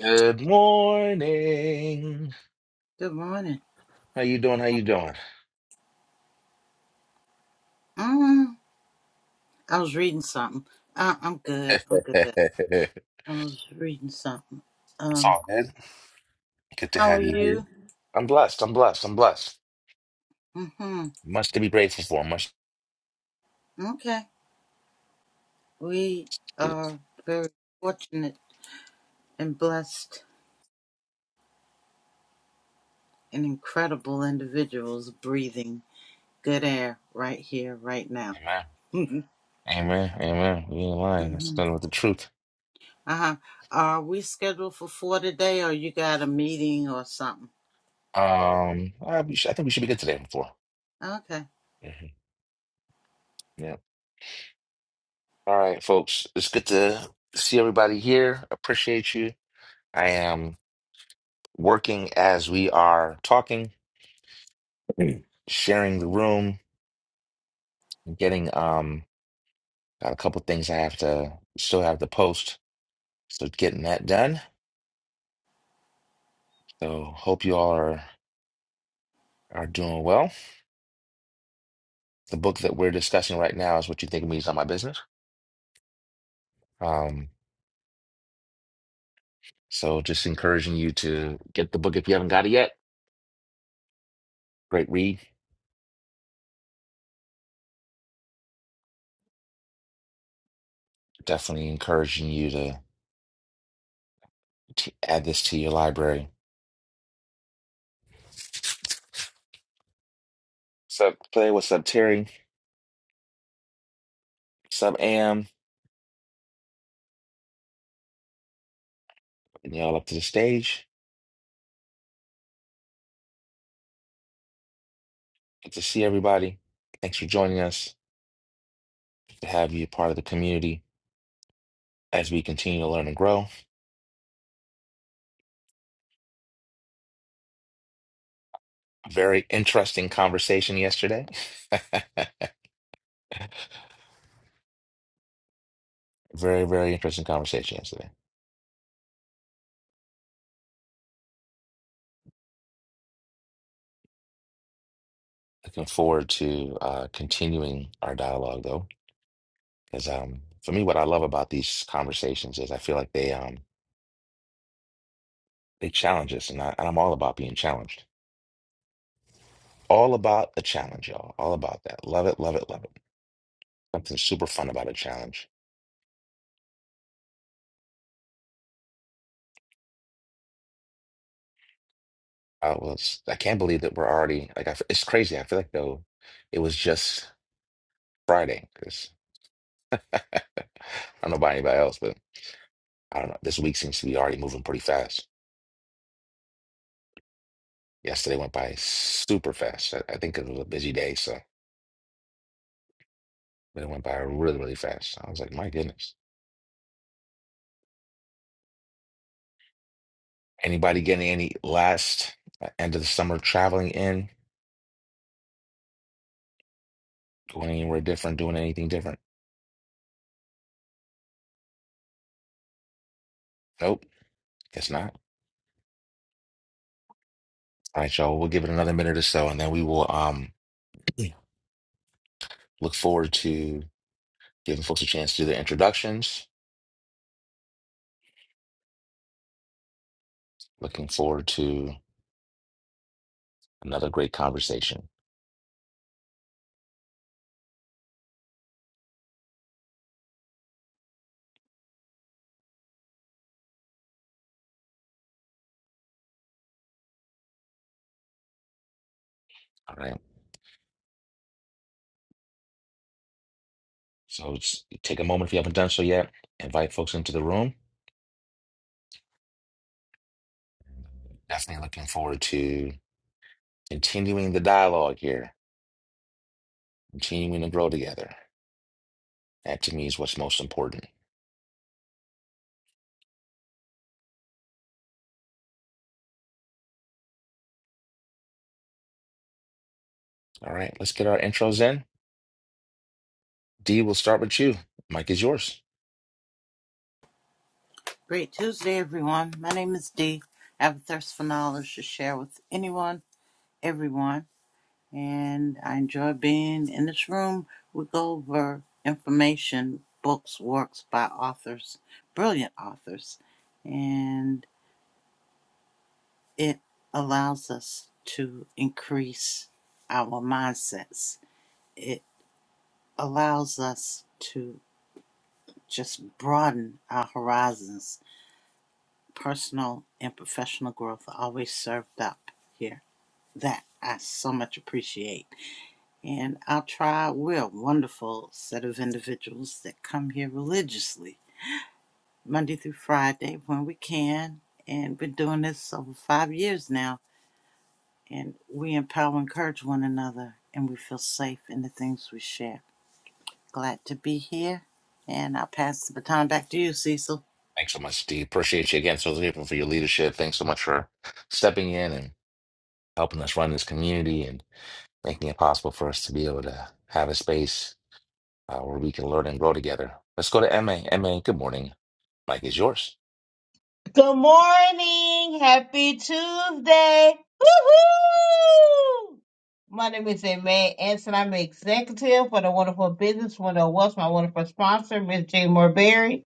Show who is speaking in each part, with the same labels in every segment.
Speaker 1: Good morning.
Speaker 2: Good morning.
Speaker 1: How you doing? How you doing?
Speaker 2: Mm, I was reading something. I, I'm good.
Speaker 1: It's
Speaker 2: I'm good. I was reading something. Um,
Speaker 1: all good. Good to
Speaker 2: how are
Speaker 1: have you here.
Speaker 2: you?
Speaker 1: I'm blessed. I'm blessed. I'm blessed.
Speaker 2: Mm-hmm.
Speaker 1: Much to be grateful for. Much.
Speaker 2: Okay. We
Speaker 1: To...
Speaker 2: are very fortunate and blessed and incredible individuals breathing good air right here, right now.
Speaker 1: Amen. Amen. Amen. We ain't lying. That's
Speaker 2: mm-hmm.
Speaker 1: nothing with the truth.
Speaker 2: Uh-huh. Are we scheduled for four today or you got a meeting or something?
Speaker 1: Um, I, we should- I think we should be good today. Before.
Speaker 2: Okay.
Speaker 1: Mhm. Yeah. All right, folks. It's good to see everybody here. Appreciate you. I am working as we are talking, sharing the room, getting um. Got a couple things I have to still have to post. So getting that done. So hope you all are are doing well. The book that we're discussing right now is What You Think of Me is Not My Business. Um, so just encouraging you to get the book if you haven't got it yet. Great read. Definitely encouraging you to, to add this to your library. Sub Clay, what's up, Terry? Sub Am, and y'all up to the stage. Good to see everybody. Thanks for joining us. Good to have you a part of the community as we continue to learn and grow. Very interesting conversation yesterday. Very, very interesting conversation yesterday. Looking forward to uh, continuing our dialogue though, because um, for me, what I love about these conversations is I feel like they um, they challenge us, and, I, and I'm all about being challenged. All about the challenge, y'all. All about that. Love it, love it, love it. Something super fun about a challenge. I was, I can't believe that we're already like, I f it's crazy. I feel like though it was just Friday because I don't know about anybody else, but. I don't know. This week seems to be already moving pretty fast. Yesterday went by super fast. I, I think it was a busy day, so but it went by really, really fast. I was like, my goodness. Anybody getting any last uh, end of the summer traveling in, going anywhere different, doing anything different? Nope, guess not. All right, y'all. We'll give it another minute or so, and then we will um look forward to giving folks a chance to do their introductions. Looking forward to another great conversation. All right. So it's, take a moment if you haven't done so yet. Invite folks into the room Definitely looking forward to continuing the dialogue here, continuing to grow together. That to me is what's most important. All right, let's get our intros in. Dee, we'll start with you. Mike is yours.
Speaker 2: Great Tuesday, everyone. My name is Dee. I have a thirst for knowledge to share with anyone, everyone, and I enjoy being in this room. We go over information, books, works by authors, brilliant authors, and it allows us to increase our mindsets. It allows us to just broaden our horizons. Personal and professional growth are always served up here that I so much appreciate. And our tribe, we're a wonderful set of individuals that come here religiously, Monday through Friday when we can. And we're doing this over five years now. And we empower and encourage one another, and we feel safe in the things we share. Glad to be here. And I'll pass the baton back to you, Cecil.
Speaker 1: Thanks so much, Dee. Appreciate you again. So grateful for your leadership. Thanks so much for stepping in and helping us run this community and making it possible for us to be able to have a space uh, where we can learn and grow together. Let's go to MA. MA, good morning. Mike is yours.
Speaker 3: Good morning. Happy Tuesday. Woohoo! My name is May Anson. I'm the executive for the Wonderful Business Window What's my wonderful sponsor, Miss Jane Morberry.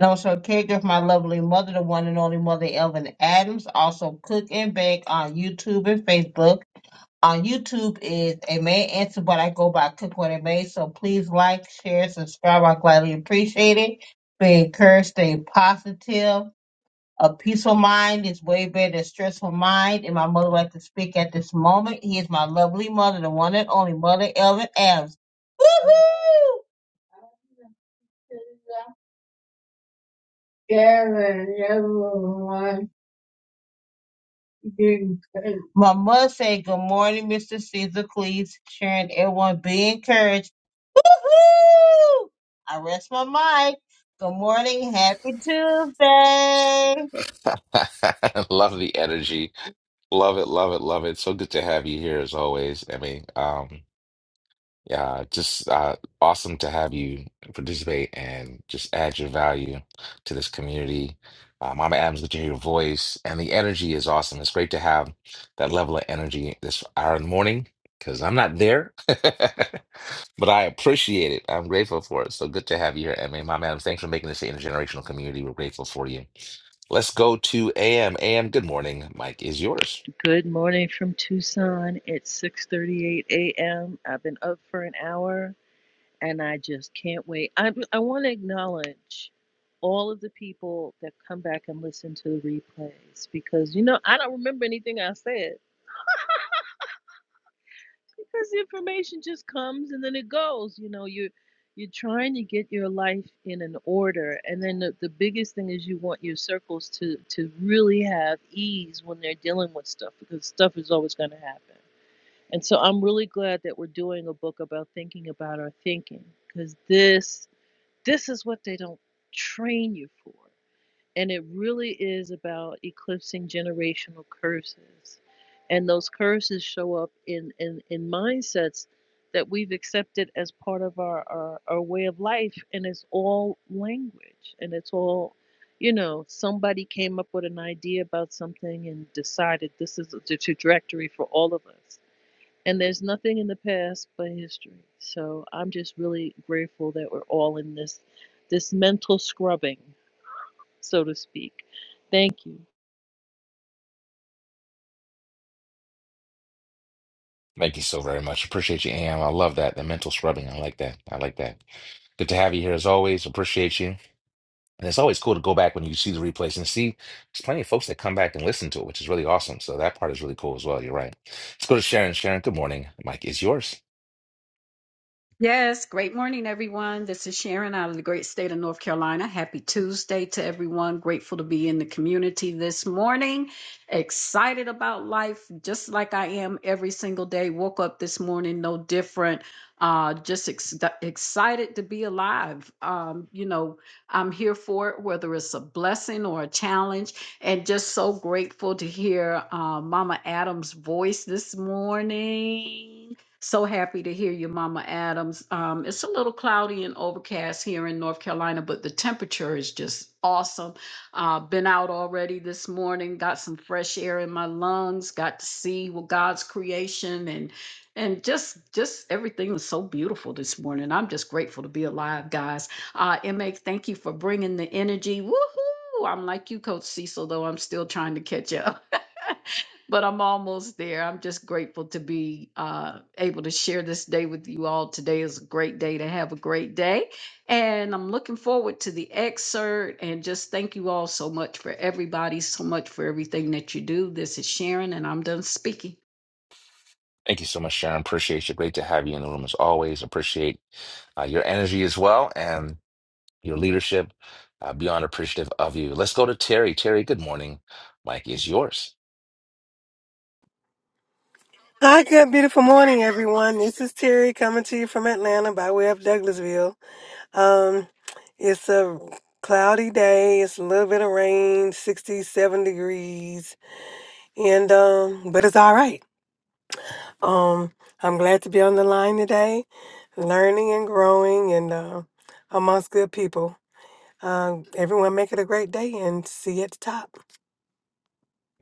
Speaker 3: And also a caregiver for my lovely mother, the one and only mother, Elvin Adams. Also cook and bake on YouTube and Facebook. On YouTube is a May Anson, but I go by Cook What It May. So please like, share, subscribe. I gladly appreciate it. Be encouraged, stay positive a peaceful mind is way better than stressful mind, and my mother would like to speak at this moment. He is my lovely mother, the one and only mother, Ellen Adams. Woohoo! My mother said, "Good morning, Mr. Caesar Cleese, Sharon, everyone, be encouraged." Woohoo! I rest my mic. Good morning, happy Tuesday.
Speaker 1: Love the energy. Love it, love it, love it. So good to have you here as always. Emmy. um, yeah, just uh, awesome to have you participate and just add your value to this community. Uh, Mama Adams, good to hear your voice, and the energy is awesome. It's great to have that level of energy this hour in the morning because I'm not there, but I appreciate it. I'm grateful for it. So good to have you here, Emmy, Mama Adams, thanks for making this an intergenerational community. We're grateful for you. Let's go to AM. AM, good morning. Mike is yours.
Speaker 4: Good morning from Tucson. It's 6:38 a.m. I've been up for an hour and I just can't wait. I I want to acknowledge all of the people that come back and listen to the replays because you know, I don't remember anything I said because the information just comes and then it goes. You know, you you're trying to get your life in an order and then the, the biggest thing is you want your circles to to really have ease when they're dealing with stuff because stuff is always going to happen And so I'm really glad that we're doing a book about thinking about our thinking because this this is what they don't train you for. And it really is about eclipsing generational curses. And those curses show up in, in, in mindsets that we've accepted as part of our, our, our way of life. And it's all language. And it's all, you know, somebody came up with an idea about something and decided this is the trajectory for all of us and there's nothing in the past but history. So I'm just really grateful that we're all in this this mental scrubbing, so to speak. Thank you.
Speaker 1: Thank you so very much. Appreciate you, Am. I love that. The mental scrubbing. I like that. I like that. Good to have you here as always. Appreciate you. And it's always cool to go back when you see the replays and see there's plenty of folks that come back and listen to it, which is really awesome. So that part is really cool as well. You're right. Let's go to Sharon. Sharon, good morning. Mike is yours.
Speaker 5: Yes, great morning, everyone. This is Sharon out of the great state of North Carolina. Happy Tuesday to everyone. Grateful to be in the community this morning. Excited about life, just like I am every single day. Woke up this morning, no different. Uh, just ex- excited to be alive. Um, you know, I'm here for it, whether it's a blessing or a challenge, and just so grateful to hear uh, Mama Adams' voice this morning. So happy to hear you, Mama Adams. Um, it's a little cloudy and overcast here in North Carolina, but the temperature is just awesome. Uh, been out already this morning, got some fresh air in my lungs, got to see what God's creation and and just just everything was so beautiful this morning. I'm just grateful to be alive, guys. Uh, MA, thank you for bringing the energy. Woohoo! I'm like you, Coach Cecil, though I'm still trying to catch up. but I'm almost there. I'm just grateful to be uh, able to share this day with you all. Today is a great day to have a great day. And I'm looking forward to the excerpt and just thank you all so much for everybody, so much for everything that you do. This is Sharon, and I'm done speaking.
Speaker 1: Thank you so much, Sharon. Appreciate you. Great to have you in the room as always. Appreciate uh, your energy as well and your leadership. Uh, beyond appreciative of you. Let's go to Terry. Terry, good morning. Mike is yours.
Speaker 6: Hi, good, beautiful morning, everyone. This is Terry coming to you from Atlanta by way of Douglasville. Um, it's a cloudy day. It's a little bit of rain, 67 degrees, and um, but it's all right. Um, I'm glad to be on the line today, learning and growing, and uh, amongst good people. Uh, everyone, make it a great day, and see you at the top.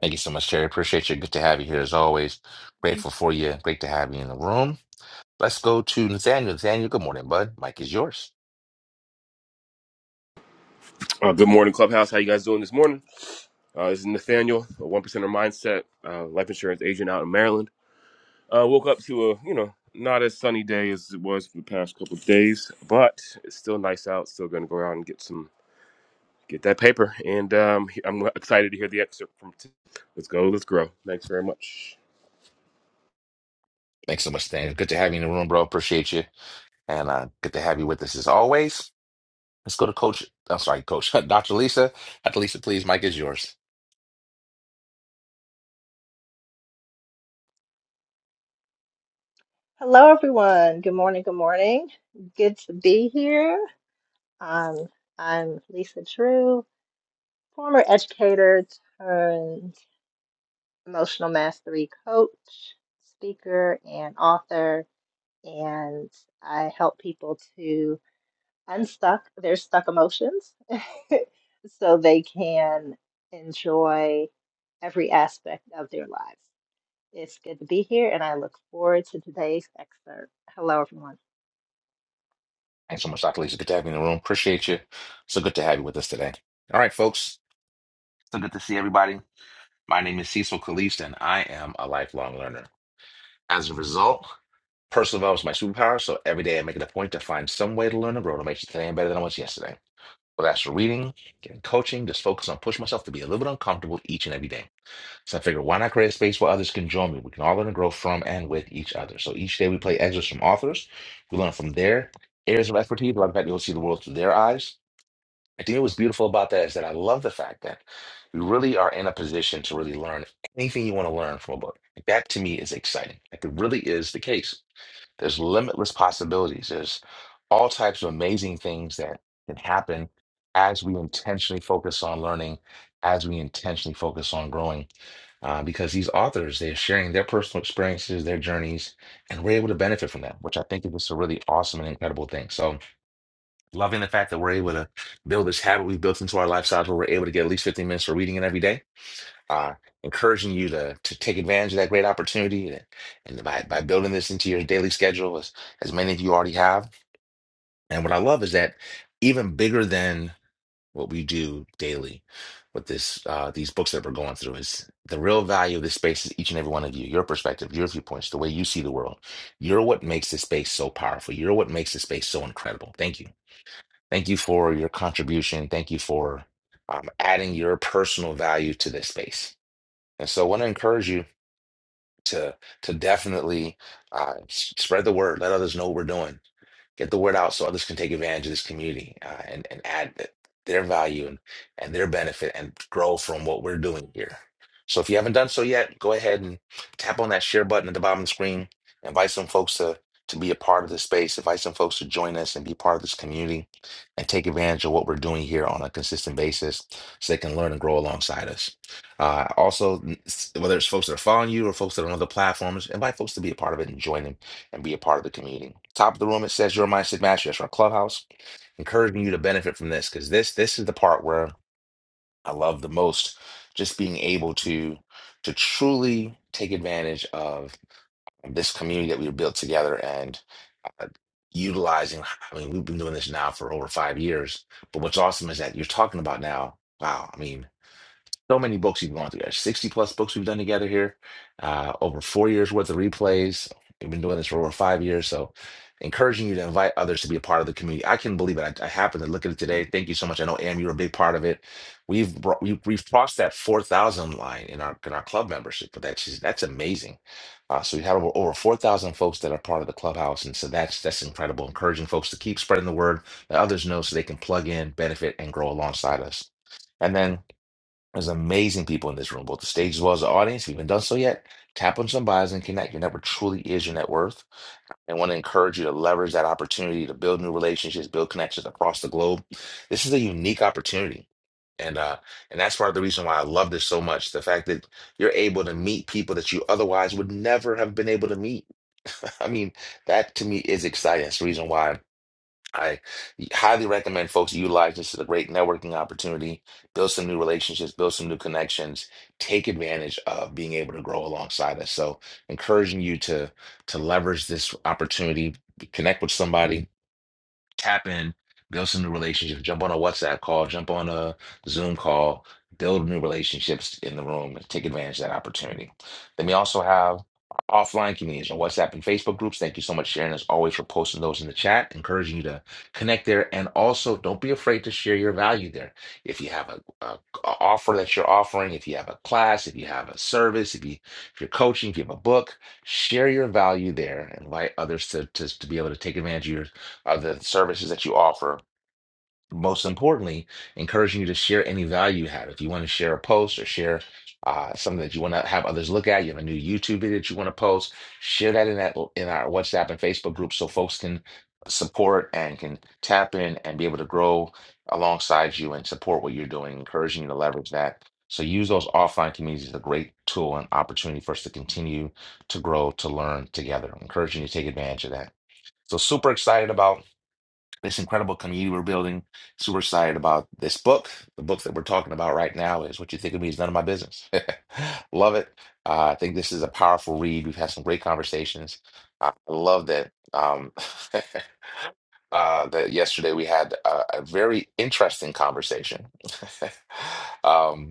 Speaker 1: Thank you so much, Terry. Appreciate you. Good to have you here as always. Grateful for you. Great to have you in the room. Let's go to Nathaniel. Nathaniel, good morning, bud. Mike is yours.
Speaker 7: Uh, good morning, Clubhouse. How you guys doing this morning? Uh, this is Nathaniel, a one percenter mindset uh, life insurance agent out in Maryland. Uh, woke up to a you know not as sunny day as it was for the past couple of days, but it's still nice out. Still going to go out and get some get that paper, and um, I'm excited to hear the excerpt from. T- let's go, let's grow. Thanks very much.
Speaker 1: Thanks so much, Nathaniel. Good to have you in the room, bro. Appreciate you. And uh, good to have you with us as always. Let's go to Coach. I'm sorry, Coach. Dr. Lisa. Dr. Lisa, please. Mike is yours.
Speaker 8: Hello, everyone. Good morning. Good morning. Good to be here. Um, I'm Lisa Drew, former educator turned emotional mastery coach, speaker, and author. And I help people to unstuck their stuck emotions so they can enjoy every aspect of their lives. It's good to be here, and I look forward to today's excerpt. Hello, everyone.
Speaker 1: Thanks so much, Dr. Lisa. Good to have you in the room. Appreciate you. So good to have you with us today. All right, folks. So good to see everybody. My name is Cecil Caliste, and I am a lifelong learner. As a result, Personal development is my superpower, so every day I make it a point to find some way to learn and grow to make today better than I was yesterday. Whether that's reading, getting coaching, just focus on pushing myself to be a little bit uncomfortable each and every day. So I figured, why not create a space where others can join me? We can all learn and grow from and with each other. So each day we play excerpts from authors. We learn from their areas of expertise. A lot of fact, that you'll see the world through their eyes. I think what's beautiful about that is that I love the fact that we really are in a position to really learn anything you want to learn from a book. That to me is exciting. Like it really is the case there's limitless possibilities. There's all types of amazing things that can happen as we intentionally focus on learning, as we intentionally focus on growing. Uh, because these authors, they're sharing their personal experiences, their journeys, and we're able to benefit from that, which I think is just a really awesome and incredible thing. So, loving the fact that we're able to build this habit we've built into our lifestyles where we're able to get at least 15 minutes for reading it every day uh, encouraging you to to take advantage of that great opportunity and, and by, by building this into your daily schedule as, as many of you already have. And what I love is that even bigger than what we do daily with this uh, these books that we're going through is the real value of this space is each and every one of you, your perspective, your viewpoints, the way you see the world. You're what makes this space so powerful. You're what makes this space so incredible. Thank you. Thank you for your contribution. Thank you for um, adding your personal value to this space. And so I want to encourage you to to definitely uh, s- spread the word, let others know what we're doing get the word out so others can take advantage of this community uh, and, and add th- their value and, and their benefit and grow from what we're doing here. So if you haven't done so yet, go ahead and tap on that share button at the bottom of the screen. Invite some folks to, to be a part of this space. Invite some folks to join us and be part of this community and take advantage of what we're doing here on a consistent basis so they can learn and grow alongside us. Uh, also, n- s- whether it's folks that are following you or folks that are on other platforms, invite folks to be a part of it and join them and be a part of the community. Top of the room, it says your mindset mastery. That's our clubhouse. Encouraging you to benefit from this because this this is the part where I love the most. Just being able to to truly take advantage of this community that we built together and uh, utilizing. I mean, we've been doing this now for over five years. But what's awesome is that you're talking about now. Wow, I mean, so many books we've gone through. There's 60 plus books we've done together here. Uh, over four years worth of replays. We've been doing this for over five years. So encouraging you to invite others to be a part of the community. I can believe it. I, I happened to look at it today. Thank you so much. I know Am, you're a big part of it. We've brought, we, we've crossed that 4,000 line in our in our club membership, but that's just, that's amazing. Uh, so we have over, over 4,000 folks that are part of the clubhouse, and so that's that's incredible. Encouraging folks to keep spreading the word, that others know, so they can plug in, benefit, and grow alongside us. And then there's amazing people in this room, both the stage as well as the audience. If you haven't done so yet, tap on some bios and connect. Your network truly is your net worth. And want to encourage you to leverage that opportunity to build new relationships, build connections across the globe. This is a unique opportunity. And uh, and that's part of the reason why I love this so much. The fact that you're able to meet people that you otherwise would never have been able to meet. I mean, that to me is exciting. It's the reason why I highly recommend folks utilize this as a great networking opportunity, build some new relationships, build some new connections, take advantage of being able to grow alongside us. So encouraging you to to leverage this opportunity, connect with somebody, tap in, build some new relationships, jump on a WhatsApp call, jump on a Zoom call, build new relationships in the room, and take advantage of that opportunity. Then we also have our offline communities on WhatsApp and Facebook groups. Thank you so much, Sharon, as always, for posting those in the chat, encouraging you to connect there. And also, don't be afraid to share your value there. If you have a, a- a offer that you're offering, if you have a class, if you have a service, if you if you're coaching, if you have a book, share your value there. and Invite others to, to to be able to take advantage of your of the services that you offer. Most importantly, encouraging you to share any value you have. If you want to share a post or share uh, something that you want to have others look at, you have a new YouTube video that you want to post, share that in that in our WhatsApp and Facebook group so folks can support and can tap in and be able to grow alongside you and support what you're doing, encouraging you to leverage that. So use those offline communities as a great tool and opportunity for us to continue to grow, to learn together. Encouraging you to take advantage of that. So super excited about this incredible community we're building. Super excited about this book. The book that we're talking about right now is What You Think of Me is None of My Business. love it. Uh, I think this is a powerful read. We've had some great conversations. I I love that. Um, uh, that yesterday we had a, a very interesting conversation um,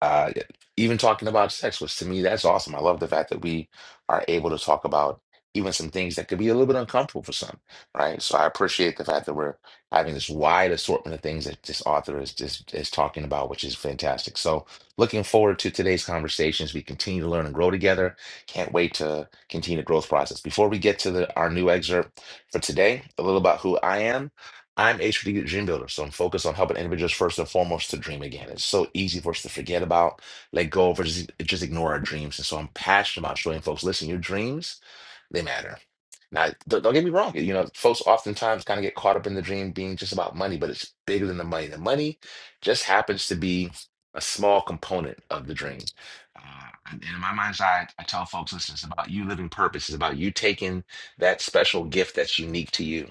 Speaker 1: uh, yeah, even talking about sex, which to me, that's awesome. I love the fact that we are able to talk about even some things that could be a little bit uncomfortable for some, right? So I appreciate the fact that we're having this wide assortment of things that this author is just is talking about, which is fantastic. So looking forward to today's conversations. We continue to learn and grow together. Can't wait to continue the growth process. Before we get to the, our new excerpt for today, a little about who I am. I'm a strategic dream builder, so I'm focused on helping individuals first and foremost to dream again. It's so easy for us to forget about, let go of, or just, just ignore our dreams. And so I'm passionate about showing folks, listen, your dreams, they matter. Now, don't, don't get me wrong. You know, folks oftentimes kind of get caught up in the dream being just about money, but it's bigger than the money. The money just happens to be a small component of the dream. Uh, and in my mind's eye, I tell folks, listen, it's about you living purpose. It's about you taking that special gift that's unique to you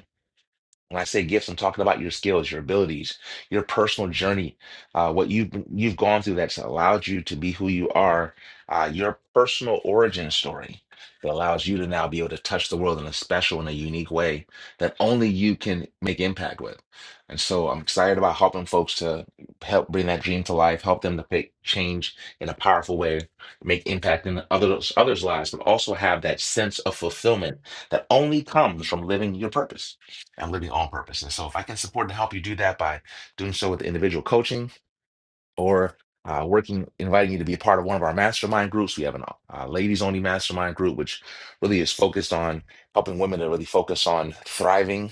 Speaker 1: when I say gifts, I'm talking about your skills, your abilities, your personal journey, uh, what you've you've gone through that's allowed you to be who you are, uh, your personal origin story that allows you to now be able to touch the world in a special and a unique way that only you can make impact with. And so I'm excited about helping folks to help bring that dream to life, help them to make change in a powerful way, make impact in others others' lives, but also have that sense of fulfillment that only comes from living your purpose. I'm living on purpose. And so if I can support and help you do that by doing so with individual coaching, or uh, working, inviting you to be a part of one of our mastermind groups. We have an uh, ladies only mastermind group, which really is focused on helping women to really focus on thriving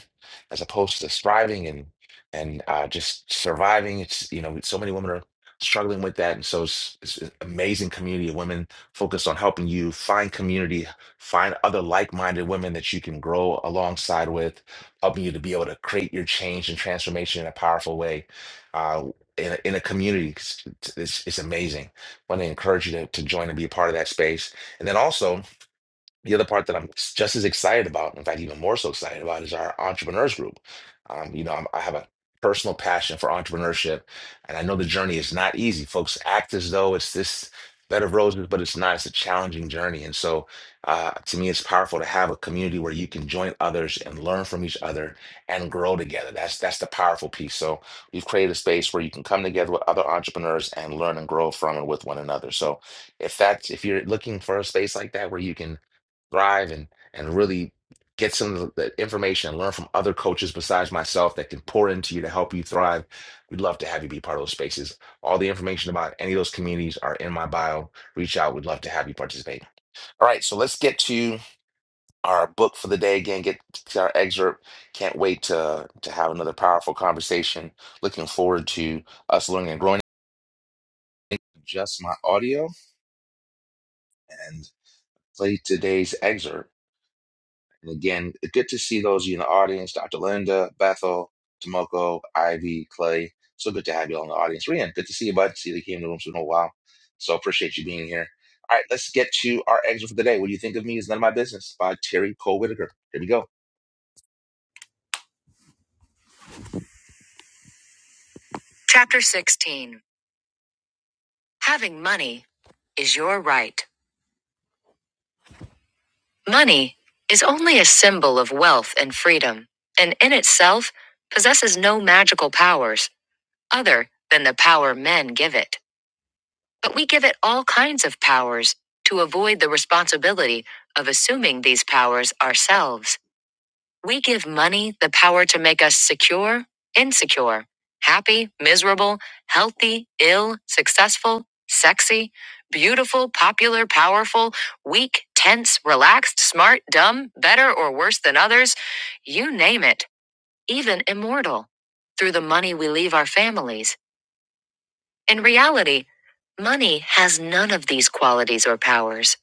Speaker 1: as opposed to striving and and uh, just surviving. It's you know so many women are struggling with that, and so it's, it's an amazing community of women focused on helping you find community, find other like minded women that you can grow alongside with, helping you to be able to create your change and transformation in a powerful way Uh, in a, in a community. It's, it's, it's amazing. I want to encourage you to, to join and be a part of that space. And then also, the other part that I'm s- just as excited about, in fact, even more so excited about, is our entrepreneurs group. Um, you know, I'm, I have a personal passion for entrepreneurship, and I know the journey is not easy. Folks act as though it's this bed of roses, but it's not. It's a challenging journey, and so uh, to me, it's powerful to have a community where you can join others and learn from each other and grow together. That's that's the powerful piece. So we've created a space where you can come together with other entrepreneurs and learn and grow from and with one another. So if that's if you're looking for a space like that where you can thrive and and really get some of the information and learn from other coaches besides myself that can pour into you to help you thrive. We'd love to have you be part of those spaces. All the information about any of those communities are in my bio. Reach out. We'd love to have you participate. All right, so let's get to our book for the day again. Get to our excerpt. Can't wait to to have another powerful conversation. Looking forward to us learning and growing. Adjust my audio and play today's excerpt. And again, good to see those of you in the audience, Dr. Linda, Bethel, Tomoko, Ivy, Clay. So good to have you all in the audience. Ryan, good to see you, bud. See you came in the room for a while. So appreciate you being here. All right, let's get to our exit for the day. What do you think of me is none of my business by Terry Cole Whitaker. Here we go. Chapter 16 Having Money is Your Right. Money is only a symbol of wealth and freedom, and in itself possesses no magical powers other than the power men give it. But we give it all kinds of powers to avoid the responsibility of assuming these powers ourselves. We give money the power to make us secure, insecure, happy, miserable, healthy, ill, successful, sexy, beautiful, popular, powerful, weak, tense, relaxed, smart, dumb, better or worse than others, you name it, even immortal. Through the money we leave our families in reality, money has none of these qualities or powers.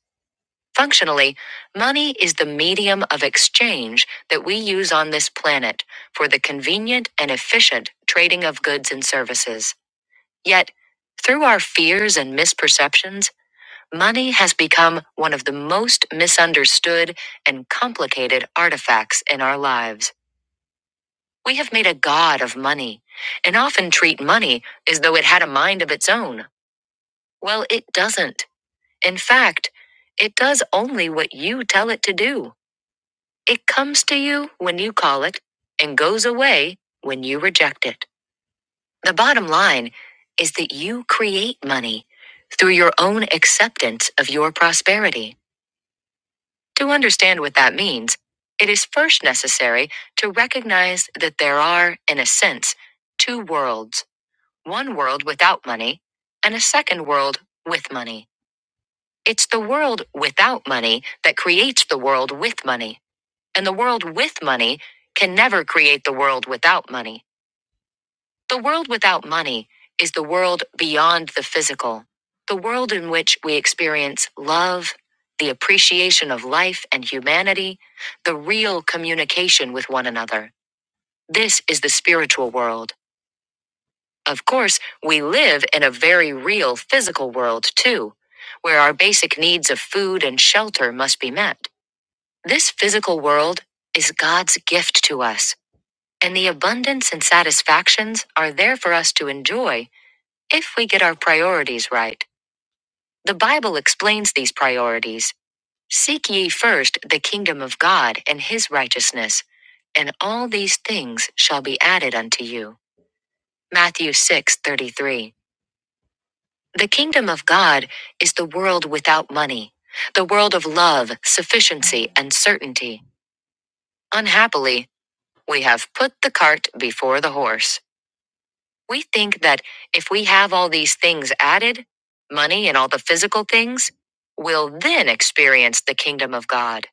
Speaker 1: Functionally, money is the medium of exchange that we use on this planet for the convenient and efficient trading of goods and services. Yet, through our fears and misperceptions, money has become one of the most misunderstood and complicated artifacts in our lives. We have made a god of money and often treat money as though it had a mind of its own. Well, it doesn't. In fact, it does only what you tell it to do. It comes to you when you call it and goes away when you reject it. The bottom line is that you create money through your own acceptance of your prosperity. To understand what that means, it is first necessary to recognize that there are, in a sense, two worlds one world without money and a second world with money. It's the world without money that creates the world with money. And the world with money can never create the world without money. The world without money is the world beyond the physical, the world in which we experience love, the appreciation of life and humanity, the real communication with one another. This is the spiritual world. Of course, we live in a very real physical world too, where our basic needs of food and shelter must be met. This physical world is God's gift to us, and the abundance and satisfactions are there for us to enjoy if we get our priorities right. The Bible explains these priorities Seek ye first the kingdom of God and his righteousness, and all these things shall be added unto you. Matthew 6 33. The kingdom of God is the world without money, the world of love, sufficiency, and certainty. Unhappily, We have put the cart before the horse. We think that if we have all these things added, money and all the physical things, we'll then experience the kingdom of God.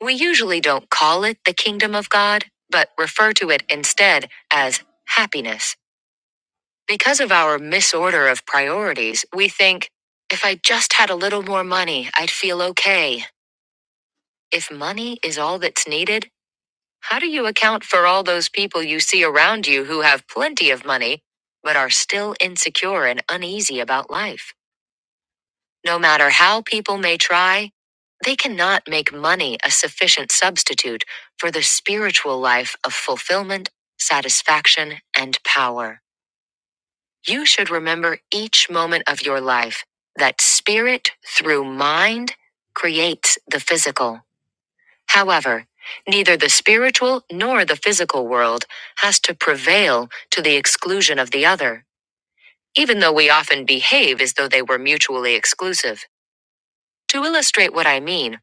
Speaker 1: We usually don't call it the kingdom of God, but refer to it instead as happiness. Because of our misorder of priorities, we think, if I just had a little more money, I'd feel okay. If money is all that's needed, How do you account for all those people you see around you who have plenty of money, but are still insecure and uneasy about life? No matter how people may try, they cannot make money a sufficient substitute for the spiritual life of fulfillment, satisfaction, and power. You should remember each moment of your life that spirit through mind creates the physical. However, neither the spiritual nor the physical world has to prevail to the exclusion of the other, even though we often behave as though they were mutually exclusive. To illustrate what I mean,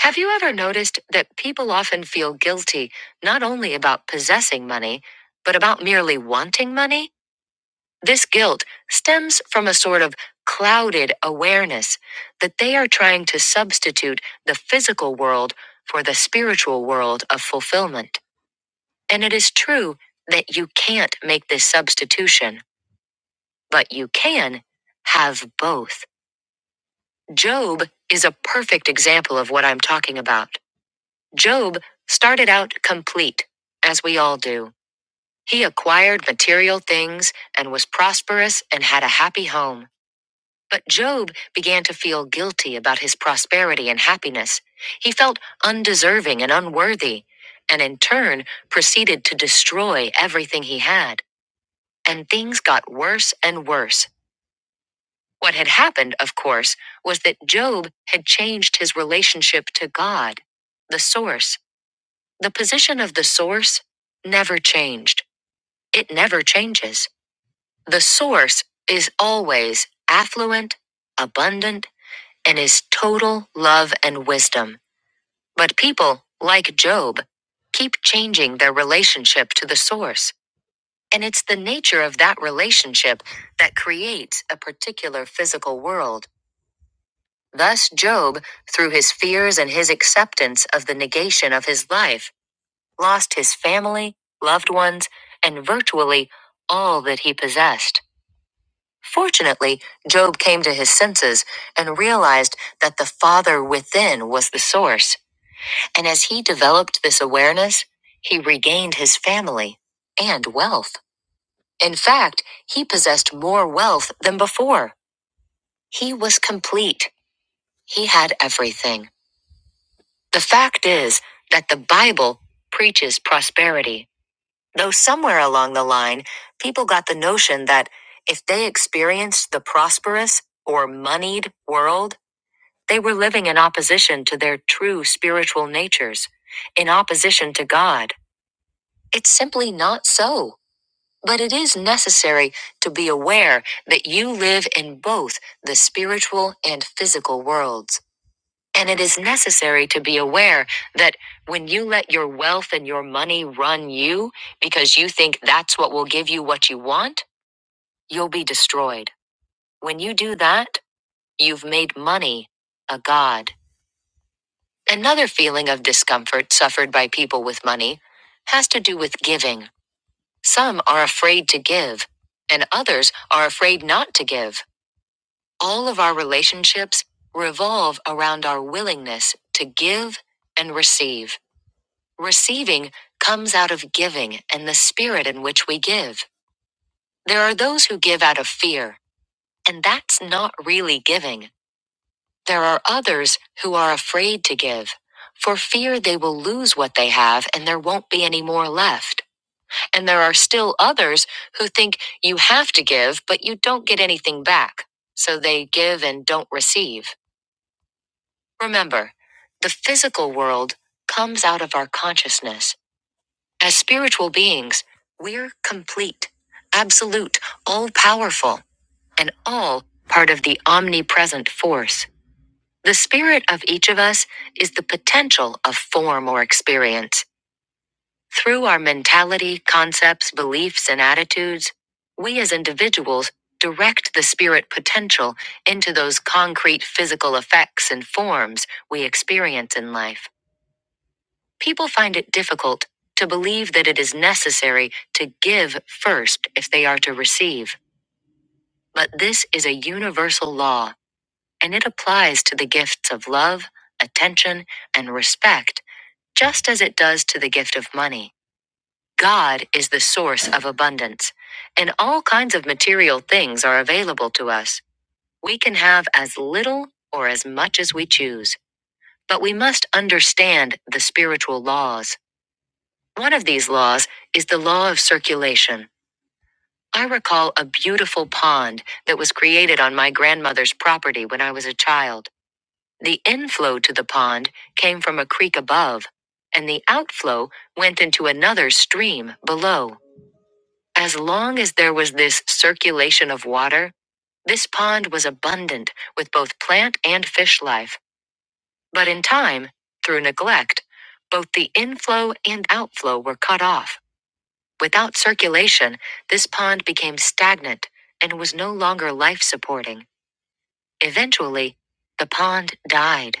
Speaker 1: have you ever noticed that people often feel guilty not only about possessing money, but about merely wanting money? This guilt stems from a sort of clouded awareness that they are trying to substitute the physical world for the spiritual world of fulfillment. And it is true that you can't make this substitution, but you can have both. Job is a perfect example of what I'm talking about. Job started out complete, as we all do. He acquired material things and was prosperous and had a happy home. But Job began to feel guilty about his prosperity and happiness. He felt undeserving and unworthy, and in turn proceeded to destroy everything he had. and things got worse and worse. What had happened, of course, was that Job had changed his relationship to God. The source, the position of the source, never changed. It never changes. The source is always affluent, abundant, and is total love and wisdom. But people, like Job, keep changing their relationship to the source. And it's the nature of that relationship that creates a particular physical world. Thus, Job, through his fears and his acceptance of the negation of his life, lost his family, loved ones, and virtually all that he possessed. Fortunately, Job came to his senses and realized that the Father within was the source. And as he developed this awareness, he regained his family and wealth. In fact, he possessed more wealth than before. He was complete. He had everything. The fact is that the Bible preaches prosperity. Though somewhere along the line, people got the notion that if they experienced the prosperous or moneyed world, they were living in opposition to their true spiritual natures, in opposition to God. It's simply not so. But it is necessary to be aware that you live in both the spiritual and physical worlds. And it is necessary to be aware that when you let your wealth and your money run you because you think that's what will give you what you want, you'll be destroyed. When you do that, you've made money a god. Another feeling of discomfort suffered by people with money has to do with giving. Some are afraid to give, and others are afraid not to give. All of our relationships revolve around our willingness to give and receive. Receiving comes out of giving and the spirit in which we give. There are those who give out of fear, and that's not really giving. There are others who are afraid to give, for fear they will lose what they have and there won't be any more left. And there are still others who think you have to give, but you don't get anything back. So they give and don't receive. Remember, the physical world comes out of our consciousness. As spiritual beings, we're complete, absolute, all powerful, and all part of the omnipresent force. The spirit of each of us is the potential of form or experience. Through our mentality, concepts, beliefs, and attitudes, we as individuals direct the spirit potential into those concrete physical effects and forms we experience in life. People find it difficult to believe that it is necessary to give first if they are to receive. But this is a universal law, and it applies to the gifts of love, attention, and respect, just as it does to the gift of money. God is the source of abundance, and all kinds of material things are available to us. We can have as little or as much as we choose, but we must understand the spiritual laws. One of these laws is the law of circulation. I recall a beautiful pond that was created on my grandmother's property when I was a child. The inflow to the pond came from a creek above, and the outflow went into another stream below. As long as there was this circulation of water, this pond was abundant with both plant and fish life. But in time, through neglect, both the inflow and outflow were cut off. Without circulation, this pond became stagnant and was no longer life supporting. Eventually, the pond died.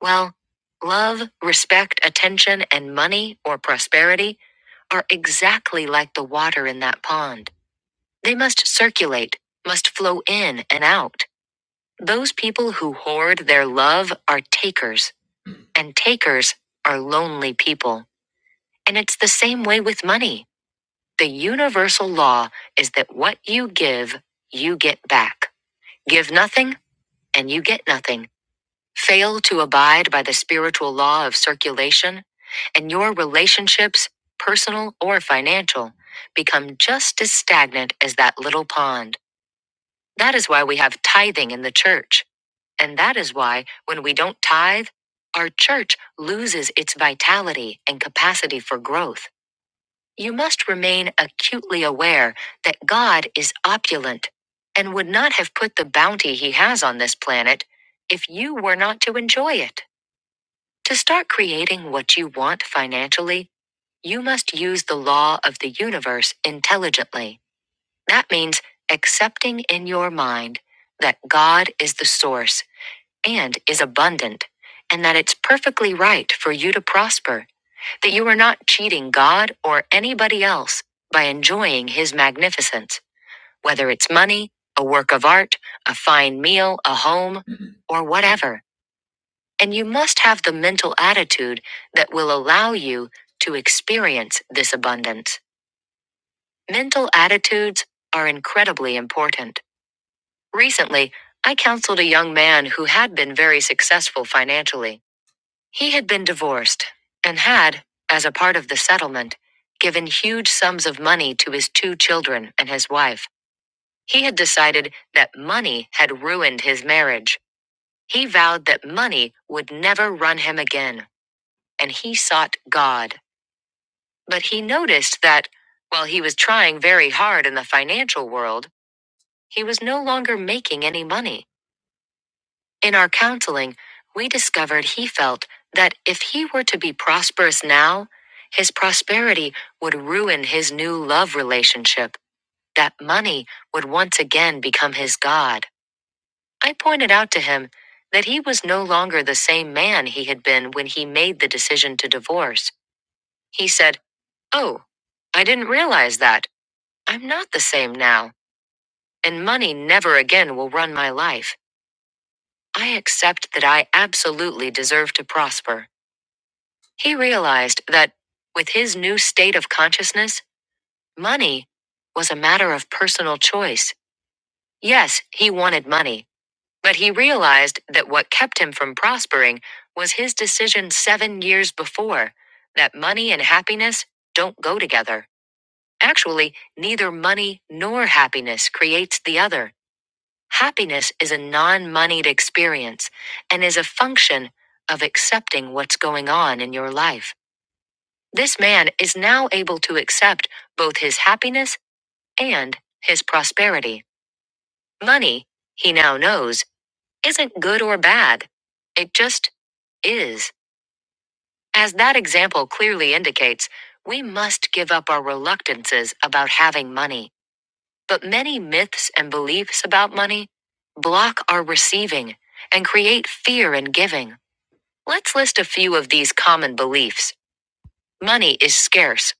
Speaker 1: Well, love, respect, attention, and money or prosperity are exactly like the water in that pond. They must circulate, must flow in and out. Those people who hoard their love are takers, and takers are lonely people. And it's the same way with money. The universal law is that what you give, you get back. Give nothing, and you get nothing. Fail to abide by the spiritual law of circulation, and your relationships, personal or financial, become just as stagnant as that little pond. That is why we have tithing in the church. And that is why, when we don't tithe, our church loses its vitality and capacity for growth. You must remain acutely aware that God is opulent and would not have put the bounty he has on this planet if you were not to enjoy it. To start creating what you want financially, you must use the law of the universe intelligently. That means accepting in your mind that God is the source and is abundant, and that it's perfectly right for you to prosper, that you are not cheating God or anybody else by enjoying His magnificence, whether it's money, a work of art, a fine meal, a home, Mhm. or whatever. And you must have the mental attitude that will allow you to experience this abundance. Mental attitudes are incredibly important. Recently, I counseled a young man who had been very successful financially. He had been divorced and had, as a part of the settlement, given huge sums of money to his two children and his wife. He had decided that money had ruined his marriage. He vowed that money would never run him again, and he sought God. But he noticed that, while he was trying very hard in the financial world, he was no longer making any money. In our counseling, we discovered he felt that if he were to be prosperous now, his prosperity would ruin his new love relationship, that money would once again become his God. I pointed out to him that he was no longer the same man he had been when he made the decision to divorce. He said, Oh, I didn't realize that. I'm not the same now, and money never again will run my life. I accept that I absolutely deserve to prosper. He realized that, with his new state of consciousness, money was a matter of personal choice. Yes, he wanted money, but he realized that what kept him from prospering was his decision seven years before that money and happiness don't go together. Actually, neither money nor happiness creates the other. Happiness is a non moneyed experience and is a function of accepting what's going on in your life. This man is now able to accept both his happiness and his prosperity. Money, he now knows, isn't good or bad. It just is. As that example clearly indicates, we must give up our reluctances about having money. But many myths and beliefs about money block our receiving and create fear in giving. Let's list a few of these common beliefs. Money is scarce.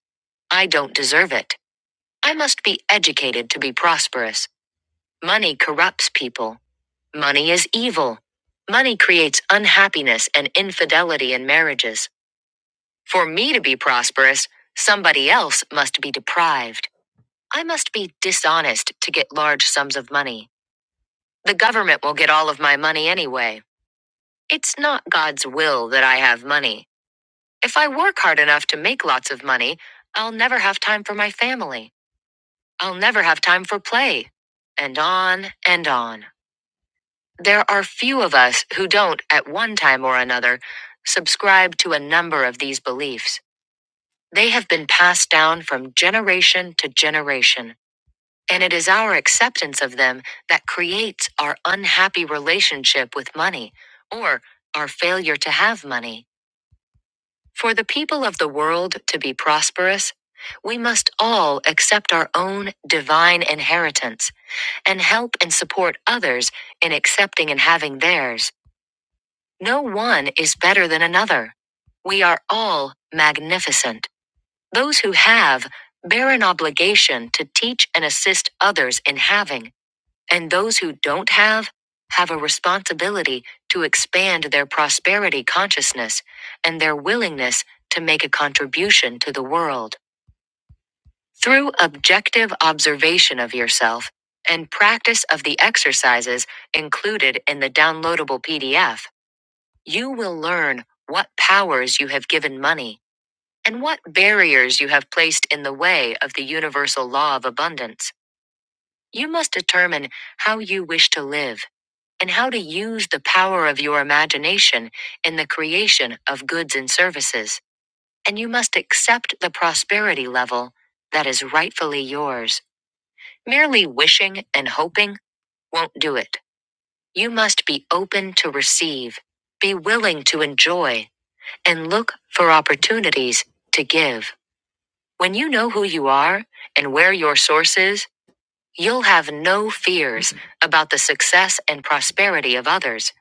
Speaker 1: I don't deserve it. I must be educated to be prosperous. Money corrupts people. Money is evil. Money creates unhappiness and infidelity in marriages. For me to be prosperous, somebody else must be deprived. I must be dishonest to get large sums of money. The government will get all of my money anyway. It's not God's will that I have money. If I work hard enough to make lots of money, I'll never have time for my family. I'll never have time for play and on and on. There are few of us who don't, at one time or another, subscribe to a number of these beliefs. They have been passed down from generation to generation, and it is our acceptance of them that creates our unhappy relationship with money, or our failure to have money. For the people of the world to be prosperous, we must all accept our own divine inheritance and help and support others in accepting and having theirs. No one is better than another. We are all magnificent. Those who have bear an obligation to teach and assist others in having, and those who don't have have a responsibility to expand their prosperity consciousness and their willingness to make a contribution to the world. Through objective observation of yourself and practice of the exercises included in the downloadable PDF, you will learn what powers you have given money and what barriers you have placed in the way of the universal law of abundance. You must determine how you wish to live and how to use the power of your imagination in the creation of goods and services. And you must accept the prosperity level that is rightfully yours. Merely wishing and hoping won't do it. You must be open to receive, be willing to enjoy, and look for opportunities to give. When you know who you are and where your source is, you'll have no fears about the success and prosperity of others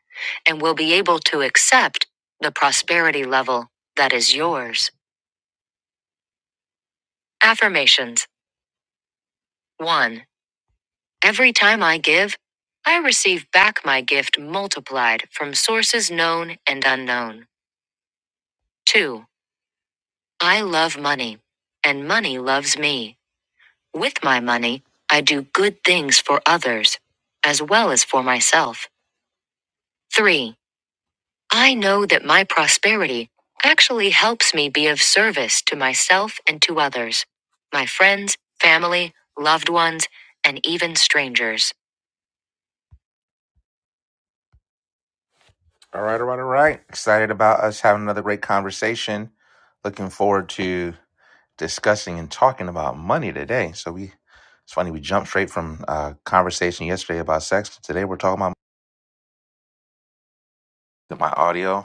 Speaker 1: and will be able to accept the prosperity level that is yours. Affirmations 1. Every time I give, I receive back my gift multiplied from sources known and unknown. 2. I love money, and money loves me. With my money, I do good things for others, as well as for myself. 3. I know that my prosperity actually helps me be of service to myself and to others, my friends, family, loved ones, and even strangers. All right, all right, all right. Excited about us having another great conversation. Looking forward to discussing and talking about money today. So we, it's funny we jumped straight from a conversation yesterday about sex. Today we're talking about my audio.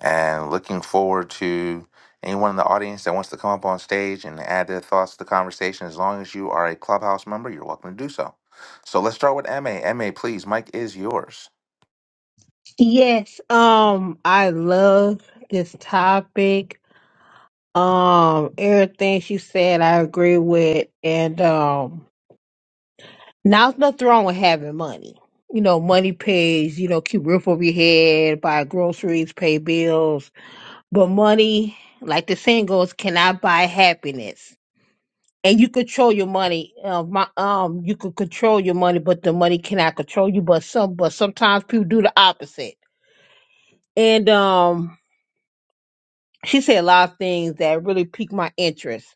Speaker 1: and looking forward to anyone in the audience that wants to come up on stage and add their thoughts to the conversation. As long as you are a Clubhouse member, you're welcome to do so. So let's start with MA. MA, please, Mike is yours.
Speaker 3: Yes, um, I love this topic. Um, everything she said, I agree with. And um, now there's nothing wrong with having money. You know, money pays. You know, keep roof over your head, buy groceries, pay bills. But money, like the saying goes, cannot buy happiness. And you control your money. Uh, my um, you could control your money, but the money cannot control you. But some, but sometimes people do the opposite. And um, she said a lot of things that really piqued my interest.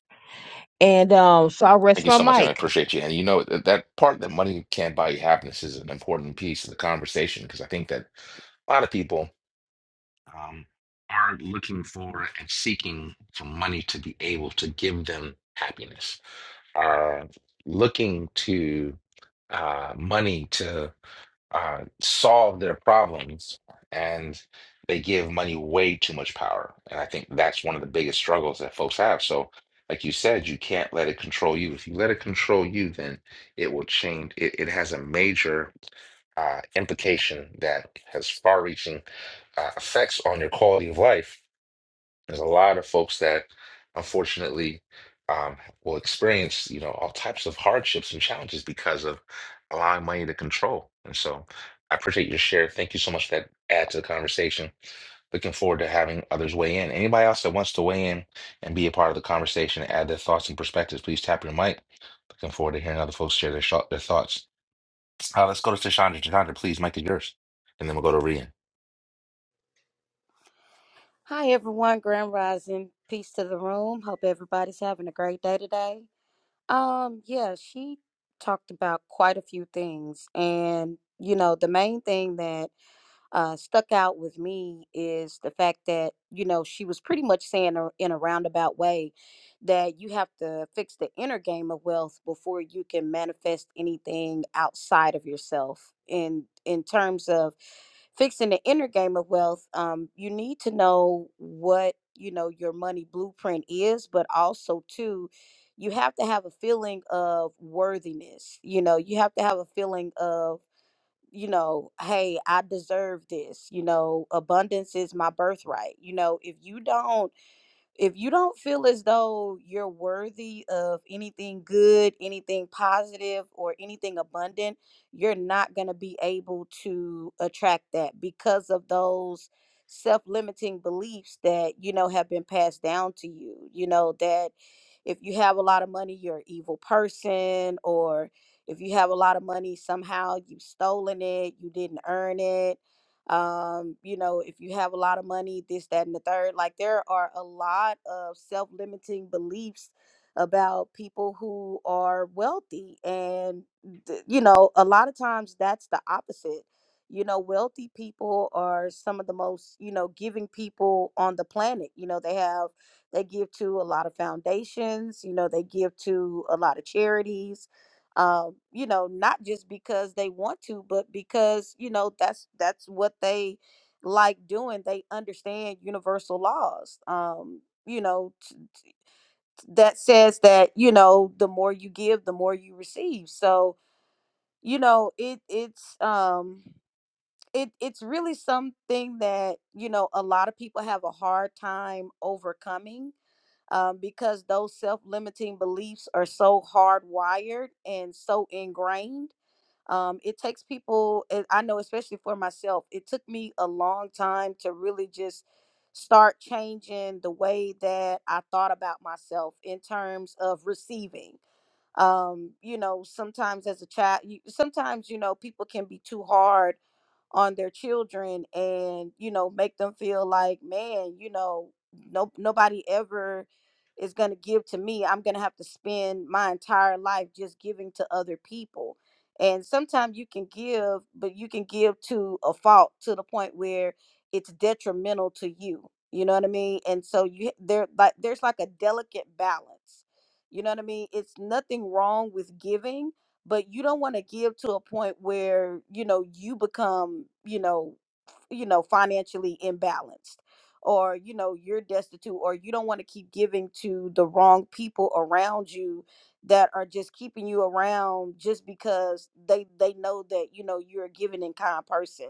Speaker 3: And um, so I
Speaker 1: Thank
Speaker 3: rest
Speaker 1: you
Speaker 3: my
Speaker 1: so much, and I
Speaker 3: mic.
Speaker 1: appreciate you. And you know that, that part that money can't buy you happiness is an important piece of the conversation because I think that a lot of people. um, are looking for and seeking for money to be able to give them happiness, are looking to uh, money to uh, solve their problems and they give money way too much power. And I think that's one of the biggest struggles that folks have. So, like you said, you can't let it control you. If you let it control you, then it will change. It, it has a major uh, implication that has far reaching uh, effects on your quality of life there's a lot of folks that unfortunately um, will experience, you know, all types of hardships and challenges because of allowing money to control. And so I appreciate your share. Thank you so much for that add to the conversation. Looking forward to having others weigh in. Anybody else that wants to weigh in and be a part of the conversation, and add their thoughts and perspectives, please tap your mic. Looking forward to hearing other folks share their, sh- their thoughts. Uh, let's go to Tashandra. Tashandra, please, mic is yours. And then we'll go to Rian.
Speaker 9: Hi everyone, Grand Rising. Peace to the room. Hope everybody's having a great day today. Um, yeah, she talked about quite a few things and you know, the main thing that uh, stuck out with me is the fact that you know she was pretty much saying a- in a roundabout way that you have to fix the inner game of wealth before you can manifest anything outside of yourself and in terms of fixing the inner game of wealth um, you need to know what you know your money blueprint is but also too you have to have a feeling of worthiness you know you have to have a feeling of you know, hey, I deserve this. You know, abundance is my birthright. You know, if you don't if you don't feel as though you're worthy of anything good, anything positive, or anything abundant, you're not going to be able to attract that because of those self-limiting beliefs that you know have been passed down to you you know that if you have a lot of money you're an evil person or if you have a lot of money somehow you've stolen it you didn't earn it um you know if you have a lot of money this that and the third like there are a lot of self-limiting beliefs about people who are wealthy and th- you know a lot of times that's the opposite you know wealthy people are some of the most you know giving people on the planet you know they have they give to a lot of foundations you know they give to a lot of charities um, you know, not just because they want to, but because you know that's that's what they like doing. They understand universal laws. Um, you know, t- t- that says that you know the more you give, the more you receive. So you know, it it's um, it it's really something that you know a lot of people have a hard time overcoming um, because those self limiting beliefs are so hardwired and so ingrained um, it takes people and i know especially for myself it took me a long time to really just start changing the way that i thought about myself in terms of receiving um, you know sometimes as a child you, sometimes you know people can be too hard on their children and you know make them feel like man you know no nobody ever is going to give to me i'm going to have to spend my entire life just giving to other people and sometimes you can give but you can give to a fault to the point where it's detrimental to you you know what i mean and so you there like there's like a delicate balance you know what i mean it's nothing wrong with giving but you don't want to give to a point where you know you become you know f- you know financially imbalanced or you know you're destitute or you don't want to keep giving to the wrong people around you that are just keeping you around just because they they know that you know you're a giving and kind person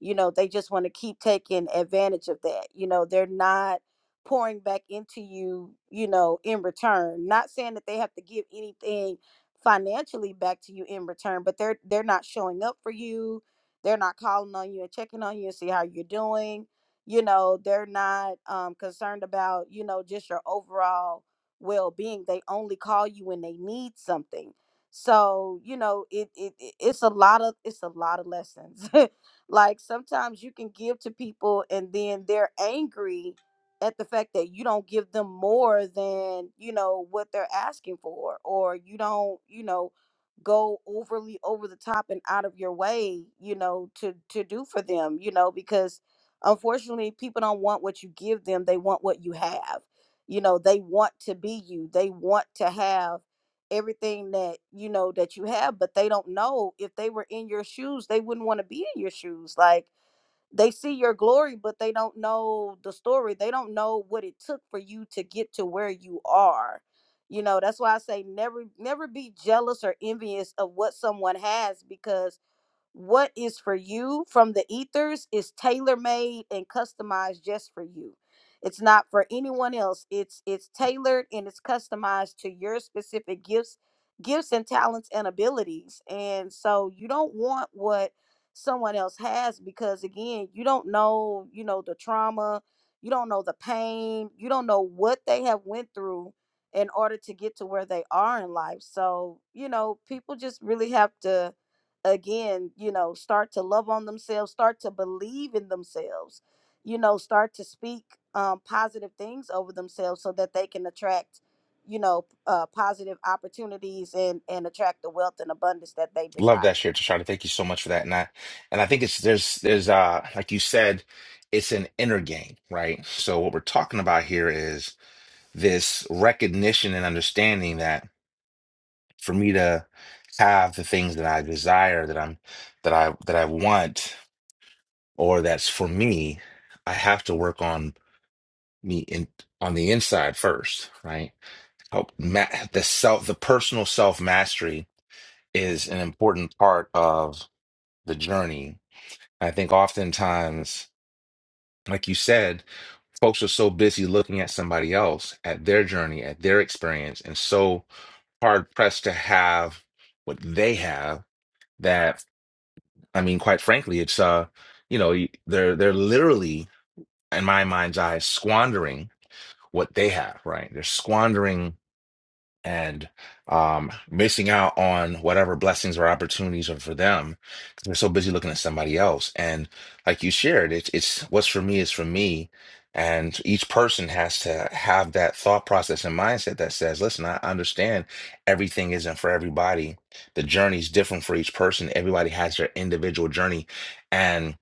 Speaker 9: you know they just want to keep taking advantage of that you know they're not pouring back into you you know in return not saying that they have to give anything financially back to you in return but they're they're not showing up for you they're not calling on you and checking on you and see how you're doing you know they're not um, concerned about you know just your overall well-being they only call you when they need something so you know it, it it- it's a lot of it's a lot of lessons like sometimes you can give to people and then they're angry at the fact that you don't give them more than you know what they're asking for or you don't you know go overly over the top and out of your way you know to to do for them you know because unfortunately people don't want what you give them they want what you have you know they want to be you they want to have everything that you know that you have but they don't know if they were in your shoes they wouldn't want to be in your shoes like they see your glory but they don't know the story they don't know what it took for you to get to where you are you know that's why i say never never be jealous or envious of what someone has because what is for you from the ethers is tailor made and customized just for you. It's not for anyone else. It's it's tailored and it's customized to your specific gifts, gifts and talents and abilities. And so you don't want what someone else has because again, you don't know, you know, the trauma, you don't know the pain, you don't know what they have went through in order to get to where they are in life. So, you know, people just really have to again, you know, start to love on themselves, start to believe in themselves, you know, start to speak um, positive things over themselves so that they can attract, you know, uh, positive opportunities and, and attract the wealth and abundance that they
Speaker 1: Love that
Speaker 9: desire.
Speaker 1: share, Tashana. Thank you so much for that. And I, and I think it's there's there's uh like you said, it's an inner game, right? So what we're talking about here is this recognition and understanding that for me to have the things that I desire, that I'm that I that I want, or that's for me, I have to work on me in on the inside first, right? Help ma- the self, the personal self mastery is an important part of the journey I think oftentimes, like you said, folks are so busy looking at somebody else, at their journey, at their experience, and so hard pressed to have what they have that, I mean, quite frankly, it's, uh, you know, you- they're, they're literally, in my mind's eye, squandering what they have, right? They're squandering and um, missing out on whatever blessings or opportunities are for them because they're so busy looking at somebody else. And like you shared, it's it's what's for me is for me. And each person has to have that thought process and mindset that says, listen, I understand everything isn't for everybody. The journey's different for each person. Everybody has their individual journey. And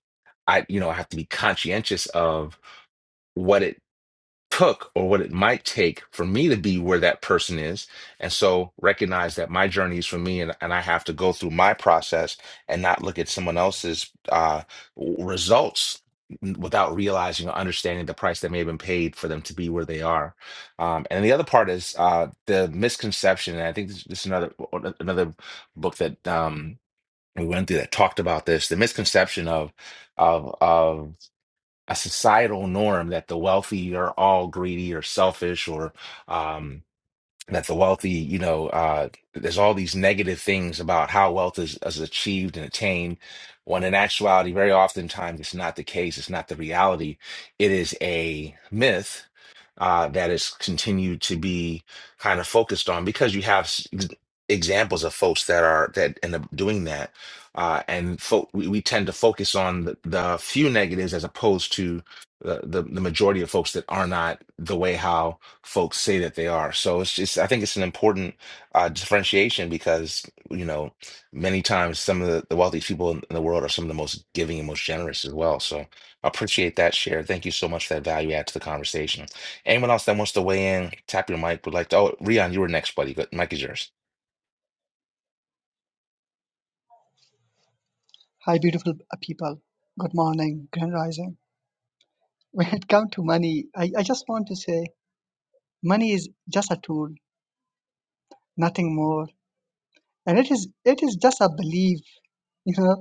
Speaker 1: I, you know, I have to be conscientious of what it took or what it might take for me to be where that person is. And so recognize that my journey is for me and, and I have to go through my process and not look at someone else's uh, w- results without realizing or understanding the price that may have been paid for them to be where they are. Um, and the other part is uh, the misconception. And I think this, this is another, another book that um, we went through that talked about this, the misconception of, of, of a societal norm that the wealthy are all greedy or selfish or um, that the wealthy, you know, uh, there's all these negative things about how wealth is, is achieved and attained, when in actuality, very oftentimes it's not the case. It's not the reality. It is a myth uh, that is continued to be kind of focused on because you have s- ex- examples of folks that are that end up doing that, uh, and fo- we, we tend to focus on the, the few negatives as opposed to the, the the majority of folks that are not the way how folks say that they are. So it's just, I think it's an important uh, differentiation because, you know, many times some of the, the wealthiest people in, the world are some of the most giving and most generous as well. So I appreciate that share. Thank you so much for that value add to the conversation. Anyone else that wants to weigh in, tap your mic, would like to, oh, Rion, you were next, buddy. Good. Mic is yours.
Speaker 10: Hi, beautiful p- people. Good morning, Grand Rising. When it comes to money, I, I just want to say money is just a tool, nothing more. And it is it is just a belief. You know,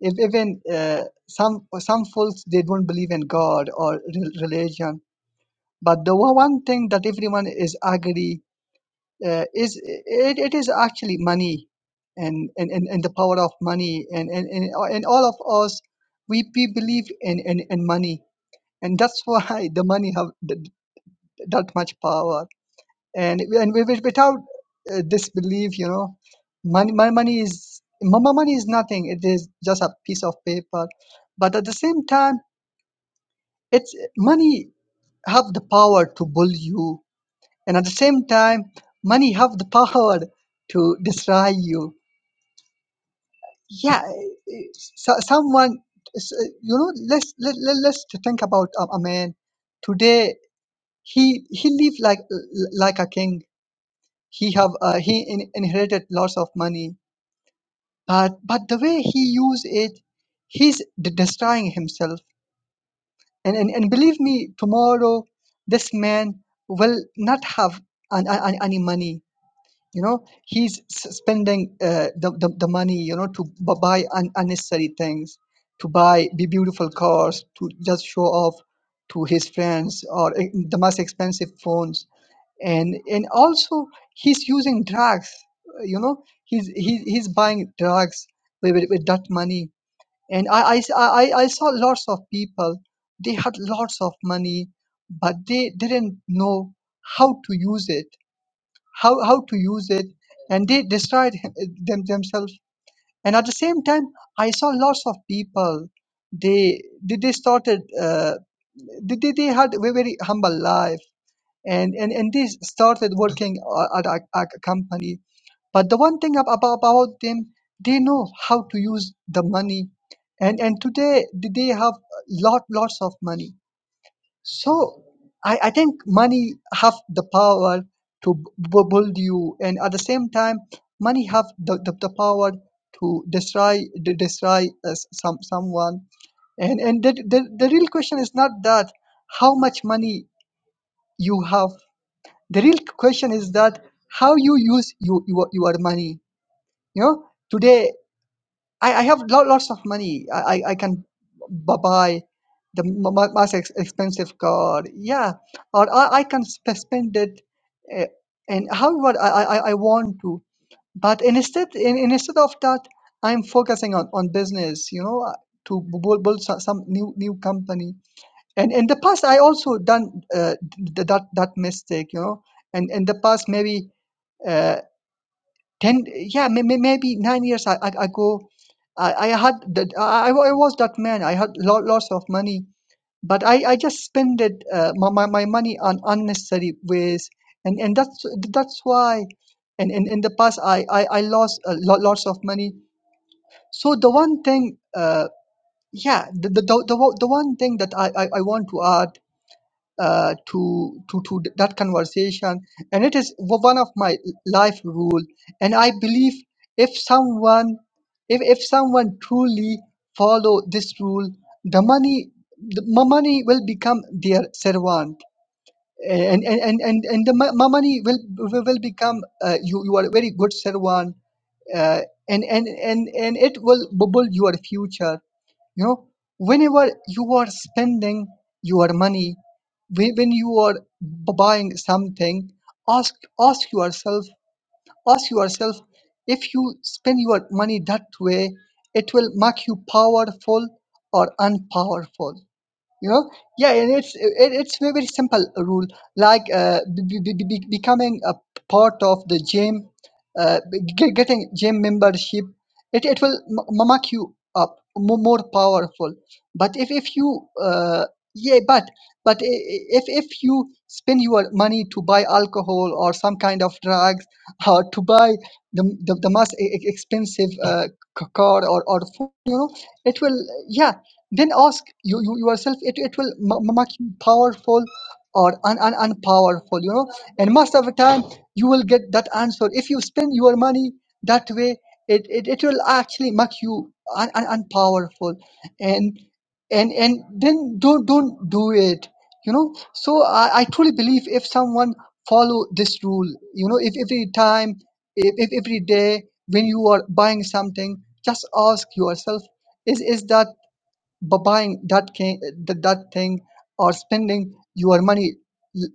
Speaker 10: if even uh, some some folks they don't believe in God or re- religion, but the one one thing that everyone is agree uh, is it, it is actually money, and and, and, and the power of money, and and, and, and all of us we, we believe in, in, in money and that's why the money have th- th- that much power and and wi- wi- without uh, this belief you know money my money is my my money is nothing it is just a piece of paper but at the same time it's money have the power to bully you and at the same time money have the power to destroy you yeah it's- so, someone s- eh, you know let's let, let, let's to think about a, a man today He he lived like like a king. He have uh, he in, inherited lots of money, but but the way he used it, he's de- destroying himself. And, and and believe me, tomorrow this man will not have an, an, any money. You know, he's s- spending uh, the, the the money. You know, to bu- buy un- unnecessary things, to buy be beautiful cars, to just show off to his friends or uh, the most expensive phones and and also he's using drugs uh, you know he's he, he's buying drugs with, with, with that money and I, I s- I- I- I saw lots of people they had lots of money but they didn't know how to use it how how to use it and they destroyed him- them themselves and at the same time i saw lots of people they they, they started uh, they, they they had a very humble life and and, and they started working a- at a, a company but the one thing ab- about, about them they know how to use the money and and today th- they have lot lots of money so i i think money have the power to b- b- build you and at the same time money have the, the, the power to destroy de- destroy uh, s- some someone and and the, the the real question is not that how much money you have the real question is that how you use you, your, your money you know today i, I have lot, lots of money i, I I can bu- buy the m- m- most ex- expensive car yeah or i, I can sp- spend it uh, and however I, I, I I want to but instead in, instead of that i'm focusing on, on business you know uh, to bu- build, build so- some new new company and in the past i also done uh, th- that that mistake you know and in the past maybe uh, 10 yeah may, may, maybe nine years i i, I go I, I had that I, I wa- I was that man i had lot, lots of money but i i just spent it uh, my, my, my money on unnecessary ways and and that's that's why and in, in the past i i, I lost a lot, lots of money so the one thing uh yeah the the, the, the, one- the one thing that I, I i want to add uh, to to to th- that conversation and it is w- one of my life rule and i believe if someone if, if someone truly follow this rule the money the mo- money will become their servant and and and and, and the mo- mo- money will will will become uh, you you are a very good servant uh, and and and and it will bubble your future you know whenever you are spending your money whe- when you are b- buying something ask ask yourself ask yourself if you spend your money that way it will make you powerful or unpowerful you know yeah and it's it, it's very very simple rule like uh, be, be, be, be- becoming a part of the gym uh, get, getting gym membership it, it will m- mark you up more, more powerful but if, if you uh, yeah but but i- i- if if you spend your money to buy alcohol or some kind of drugs or to buy the the, the most e- e- expensive uh, c- car or, or phone you know it will yeah then ask you, you yourself, it, it will m- m- make you powerful or un, un, unpowerful, you know. And most of the time, you will get that answer. If you spend your money that way, it, it, it will actually make you un, un, unpowerful. And and and then don't don't do it you know so i, I truly believe if someone follow this rule you know if every time if, if every day when you are buying something just ask yourself is is that by buying that can, that, that thing or spending your money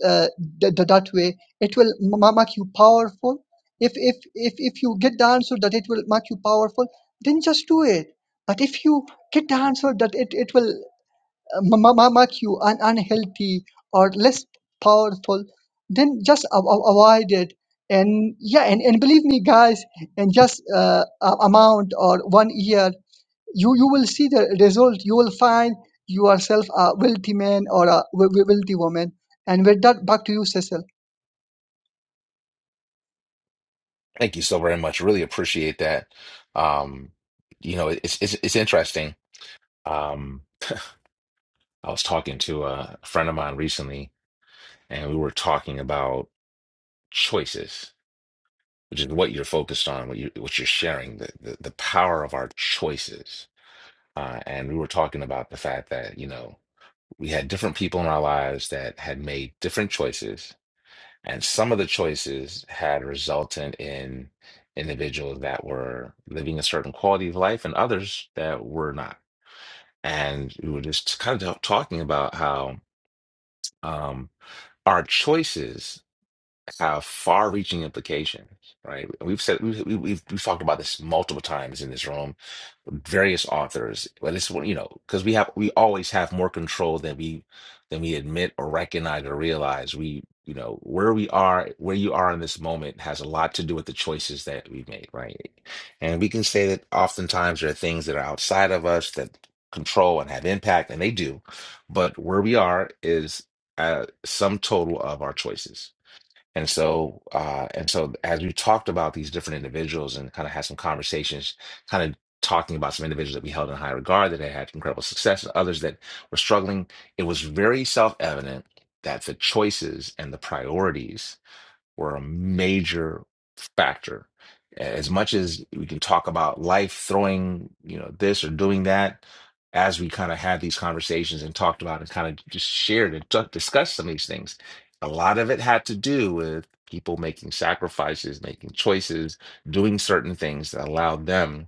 Speaker 10: uh, that, that way it will ma- make you powerful if, if if if you get the answer that it will make you powerful then just do it but if you get the answer that it, it will uh, ma- ma- make you un- unhealthy or less powerful then just a- a- avoid it and yeah and, and believe me guys in just uh, a- amount or one year you you will see the result you will find yourself a wealthy man or a we- we- wealthy woman and with that back to you cecil
Speaker 1: Thank you so very much. Really appreciate that. Um, you know, it's, it's, it's interesting. Um, I was talking to a friend of mine recently and we were talking about choices which is what you're focused on, what you what you're sharing, the the, the power of our choices. Uh, and we were talking about the fact that you know we had different people in our lives that had made different choices, and some of the choices had resulted in individuals that were living a certain quality of life, and others that were not. And we were just kind of talking about how um, our choices have far-reaching implications, right? We've said we've, we- we've have we have talked about this multiple times in this room, various authors, but it's one- you know because we have we always have more control than we than we admit or recognize or realize. We you know where we are, where you are in this moment has a lot to do with the choices that we've made, right? And we can say that oftentimes there are things that are outside of us that control and have impact, and they do, but where we are is a sum total of our choices and so, uh, and so, as we talked about these different individuals and kind of had some conversations, kind of talking about some individuals that we held in high regard that had had incredible success and others that were struggling, it was very self-evident that the choices and the priorities were a major factor. As much as we can talk about life throwing, you know, this or doing that, as we kind of had these conversations and talked about and kind of just shared and t- discussed some of these things, a lot of it had to do with people making sacrifices, making choices, doing certain things that allowed them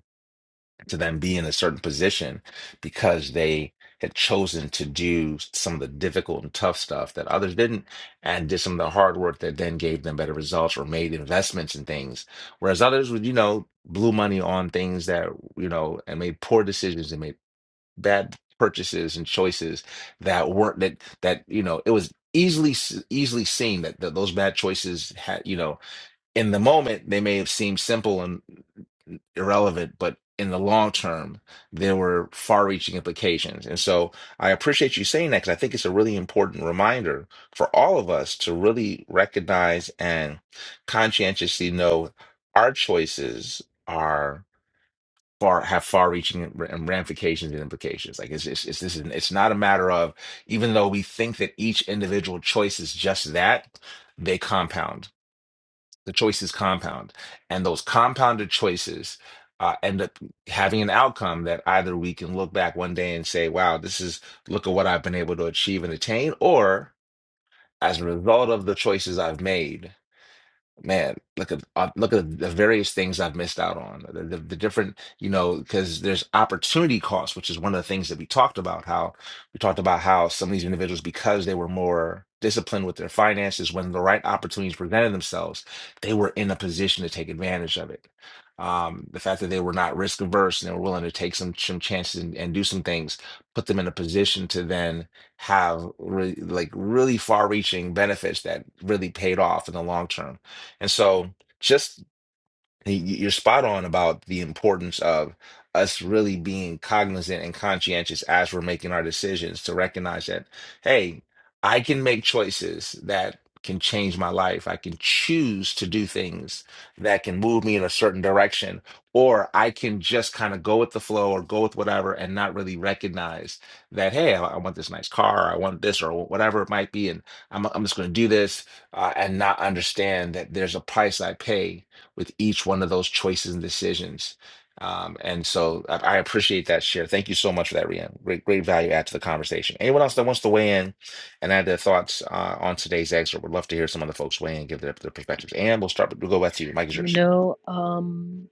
Speaker 1: to them be in a certain position because they had chosen to do some of the difficult and tough stuff that others didn't and did some of the hard work that then gave them better results or made investments in things. Whereas others would, you know, blew money on things that, you know, and made poor decisions and made bad purchases and choices that weren't that that, you know, it was easily s- easily seen that, that those bad choices had, you know, in the moment they may have seemed simple irrelevant, but in the long term, there were far reaching implications. And so I appreciate you saying that because I think it's a really important reminder for all of us to really recognize and conscientiously know our choices are far have far reaching and ramifications and implications like it's it's, it's this is it's not a matter of even though we think that each individual choice is just that they compound the choices compound and those compounded choices uh, end up having an outcome that either we can look back one day and say wow this is look at what i've been able to achieve and attain or as a result of the choices i've made Man, look at uh, look at the various things I've missed out on. The, the, the different, you know, because there's opportunity cost, which is one of the things that we talked about. How we talked about how some of these individuals, because they were more disciplined with their finances, when the right opportunities presented themselves, they were in a position to take advantage of it. Um, the fact that they were not risk averse and they were willing to take some some chances and, and do some things put them in a position to then have really like really far reaching benefits that really paid off in the long term and so just Y- y- You're spot on about the importance of us really being cognizant and conscientious as we're making our decisions to recognize that, hey, I can make choices that can change my life. I can choose to do things that can move me in a certain direction, or I can just kind of go with the flow or go with whatever and not really recognize that, hey, I I want this nice car, I want this, or whatever it might be, and I'm, I'm just going to do this uh, and not understand that there's a price I pay with each one of those choices and decisions. Um, and so I, I appreciate that share. Thank you so much for that, Rian. Great, great value add to the conversation. Anyone else that wants to weigh in and add their thoughts uh, on today's excerpt, would love to hear some other folks weigh in, give their, their perspectives. And we'll start. We'll go back to you. Mike is
Speaker 4: You
Speaker 1: yours.
Speaker 4: know, um,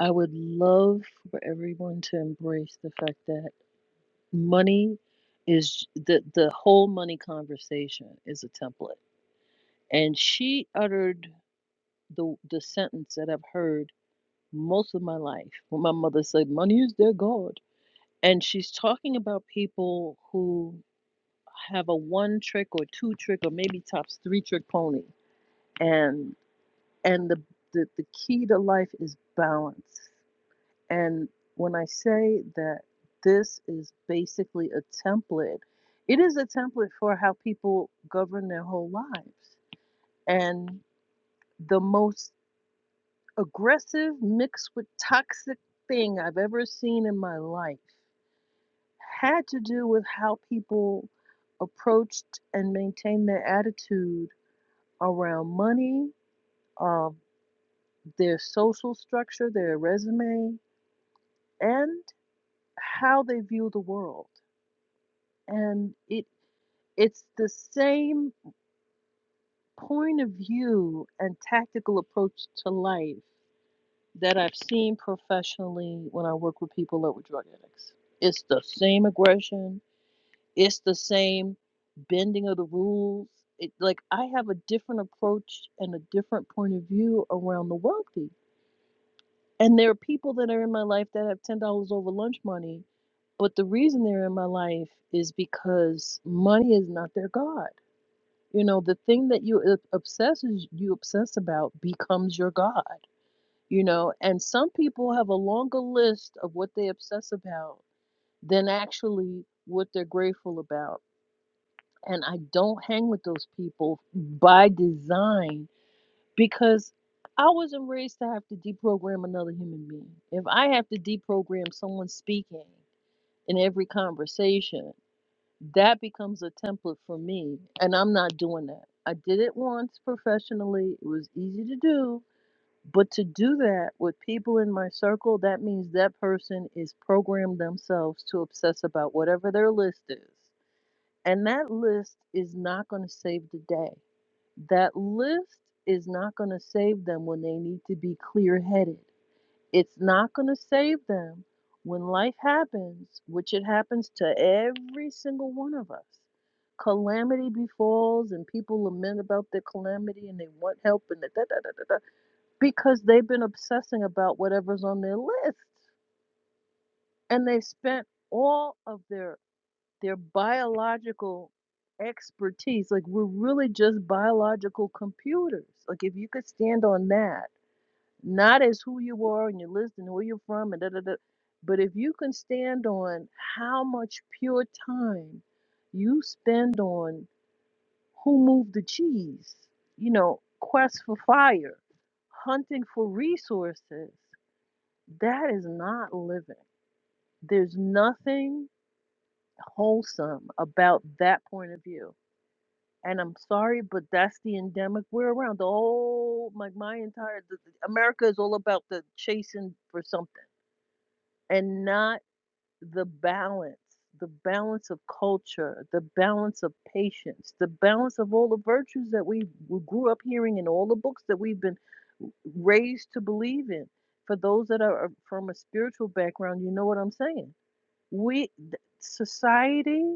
Speaker 4: I would love for everyone to embrace the fact that money is the the whole money conversation is a template. And she uttered the the sentence that I've heard most of my life when my mother said, Money is their God. and she's talking about people who have a one trick or two trick or maybe tops three trick pony and and the the, the key to life is balance and when i say that this is basically a template it is a template for how people govern their whole lives and the most aggressive mixed with toxic thing i've ever seen in my life had to do with how people approached and maintained their attitude around money, um, their social structure, their resume, and how they view the world. And it it's the same point of view and tactical approach to life that I've seen professionally when I work with people that were drug addicts. It's the same aggression, It's the same bending of the rules. It, like I have a different approach and a different point of view around the wealthy. And there are people that are in my life that have ten dollars over lunch money, but the reason they're in my life is because money is not their god. You know, the thing that you ob- obsesses you obsess about becomes your god. You know, and some people have a longer list of what they obsess about than actually what they're grateful about and I don't hang with those people by design because I wasn't raised to have to deprogram another human being. If I have to deprogram someone speaking in every conversation, that becomes a template for me, and I'm not doing that. I did it once professionally, it was easy to do, but to do that with people in my circle, that means that person is programmed themselves to obsess about whatever their list is and that list is not going to save the day. That list is not going to save them when they need to be clear headed. It's not going to save them when life happens, which it happens to every single one of us. Calamity befalls, and people lament about their calamity and they want help and da da da da da da, because they've been obsessing about whatever's on their list and they've spent all of their their biological expertise. Like we're really just biological computers. Like if you could stand on that, not as who you are and your list and where you're from and da da da, but if you can stand on how much pure time you spend on who moved the cheese, you know, quest for fire, hunting for resources, that is not living. There's nothing wholesome about that point of view And I'm sorry, but that's the endemic we're around. The whole, like my entire the, the- America is all about the chasing for something and not the balance, the balance of culture, the balance of patience, the balance of all the virtues that we, we grew up hearing in all the books that we've been raised to believe in. For those that are from a spiritual background, you know what I'm saying. We, th- society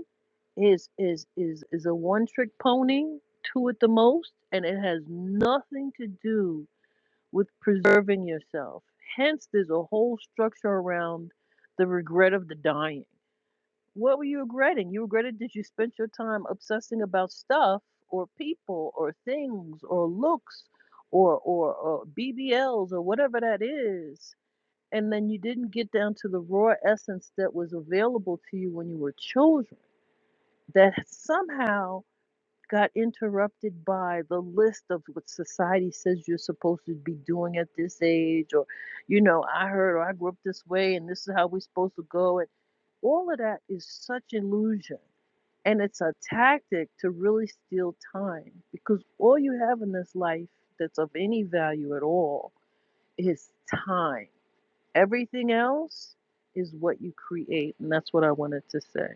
Speaker 4: is is is is a one trick pony, two at the most, and it has nothing to do with preserving yourself. Hence, there's a whole structure around the regret of the dying. What were you regretting? You regretted that you spent your time obsessing about stuff or people or things or looks or or, or BBLs or whatever that is. And then you didn't get down to the raw essence that was available to you when you were children. That somehow got interrupted by the list of what society says you're supposed to be doing at this age, or, you know, I heard, or I grew up this way, and this is how we're supposed to go. And all of that is such illusion. And it's a tactic to really steal time because all you have in this life that's of any value at all is time. Everything else is what you create. And that's what I wanted to say.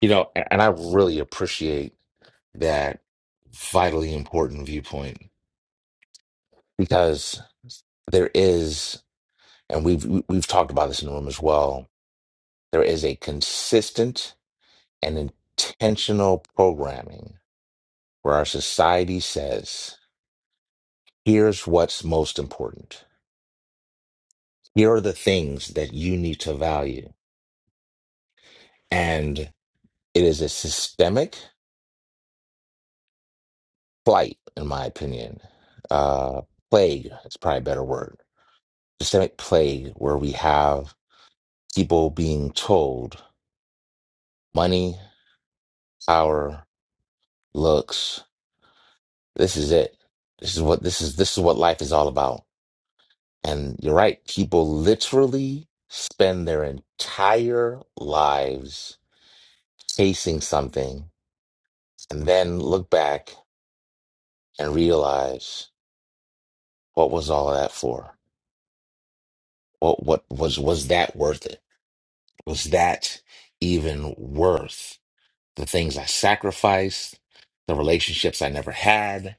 Speaker 1: You know, a- and I really appreciate that vitally important viewpoint because there is, and we've we- we've talked about this in the room as well, there is a consistent and intentional programming where our society says, here's what's most important. Here are the things that you need to value. And it is a systemic plight, in my opinion. Uh, plague is probably a better word. Systemic plague where we have people being told money, power, looks, this is it. This is what this is this is what life is all about. And you're right, people literally spend their entire lives chasing something and then look back and realize what was all of that for? What what was was that worth it? Was that even worth the things I sacrificed, the relationships I never had?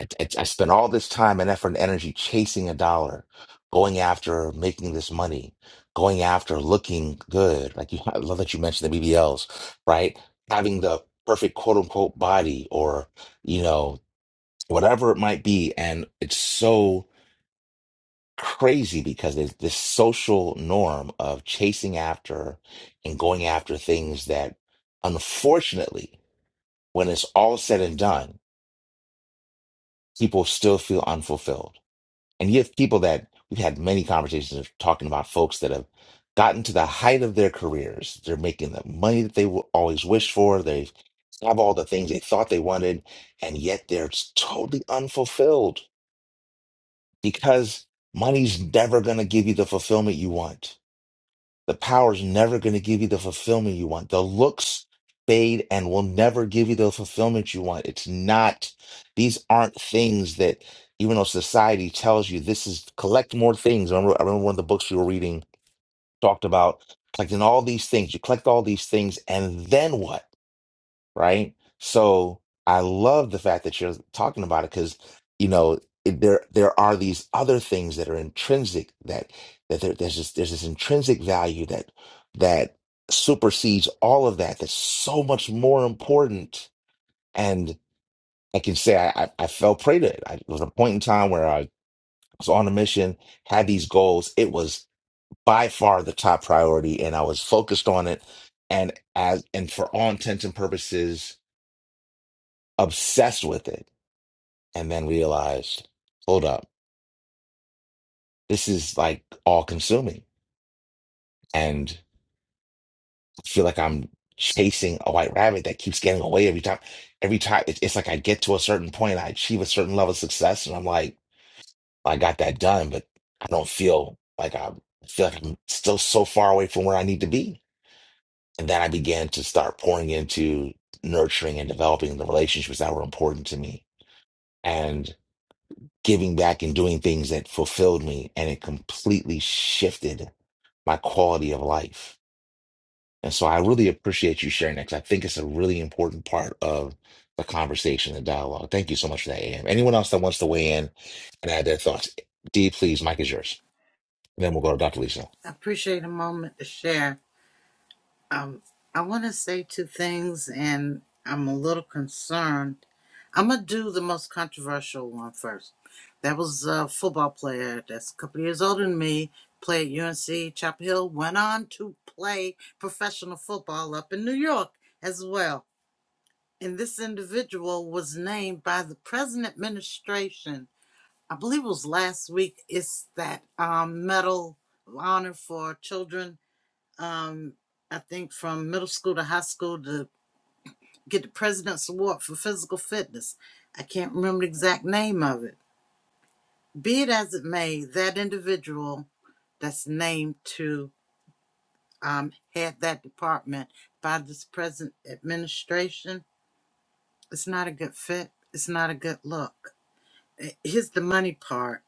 Speaker 1: I, I, I spent all this time and effort and energy chasing a dollar, going after making this money, going after looking good. Like you, I love that you mentioned the BBLs, right? Having the perfect quote unquote body or you know whatever it might be. And it's so crazy because there's this social norm of chasing after and going after things that, unfortunately, when it's all said and done, people still feel unfulfilled. And you have people that we've had many conversations of talking about folks that have gotten to the height of their careers. They're making the money that they will always wish for. They have all the things they thought they wanted, and yet they're totally unfulfilled because money's never going to give you the fulfillment you want. The power's never going to give you the fulfillment you want. The looks fade and will never give you the fulfillment you want. It's not, these aren't things that, even though society tells you this is collect more things. I remember, I remember one of the books you were reading talked about collecting all these things. You collect all these things, and then what? right? So I love the fact that you're talking about it because, you know, it, there there are these other things that are intrinsic that that there, there's this there's this intrinsic value that that supersedes all of that. That's so much more important. And I can say I I, I fell prey to it. I, it was a point in time where I was on a mission, had these goals. It was by far the top priority, and I was focused on it. And as and for all intents and purposes obsessed with it, and then realized, hold up, this is like all consuming. And I feel like I'm chasing a white rabbit that keeps getting away every time. Every time it- it's like I get to a certain point, I achieve a certain level of success, and I'm like, I got that done, but I don't feel like I I feel like I'm still so far away from where I need to be. And then I began to start pouring into nurturing and developing the relationships that were important to me. giving back and doing things that fulfilled me and it completely shifted my quality of life. And so I really appreciate you sharing that 'cause I think it's a really important part of the conversation, the dialogue. Thank you so much for that, AM. Anyone else that wants to weigh in and add their thoughts? D, please, Mike is yours. then we'll go to Dr.
Speaker 2: Okay.
Speaker 1: Lisa.
Speaker 2: I appreciate a moment to share Um, I want to say two things, and I'm a little concerned. I'm gonna do the most controversial one first. That was a football player that's a couple years older than me. Played at UNC Chapel Hill. Went on to play professional football up in New York as well. And this individual was named by the present administration. I believe it was last week. It's that um, medal honor for children um, I think from middle school to high school to get the President's Award for physical fitness. I can't remember the exact name of it. Be it as it may, that individual that's named to um, head that department by this present administration, it's not a good fit. It's not a good look. Eh, Here's the money part.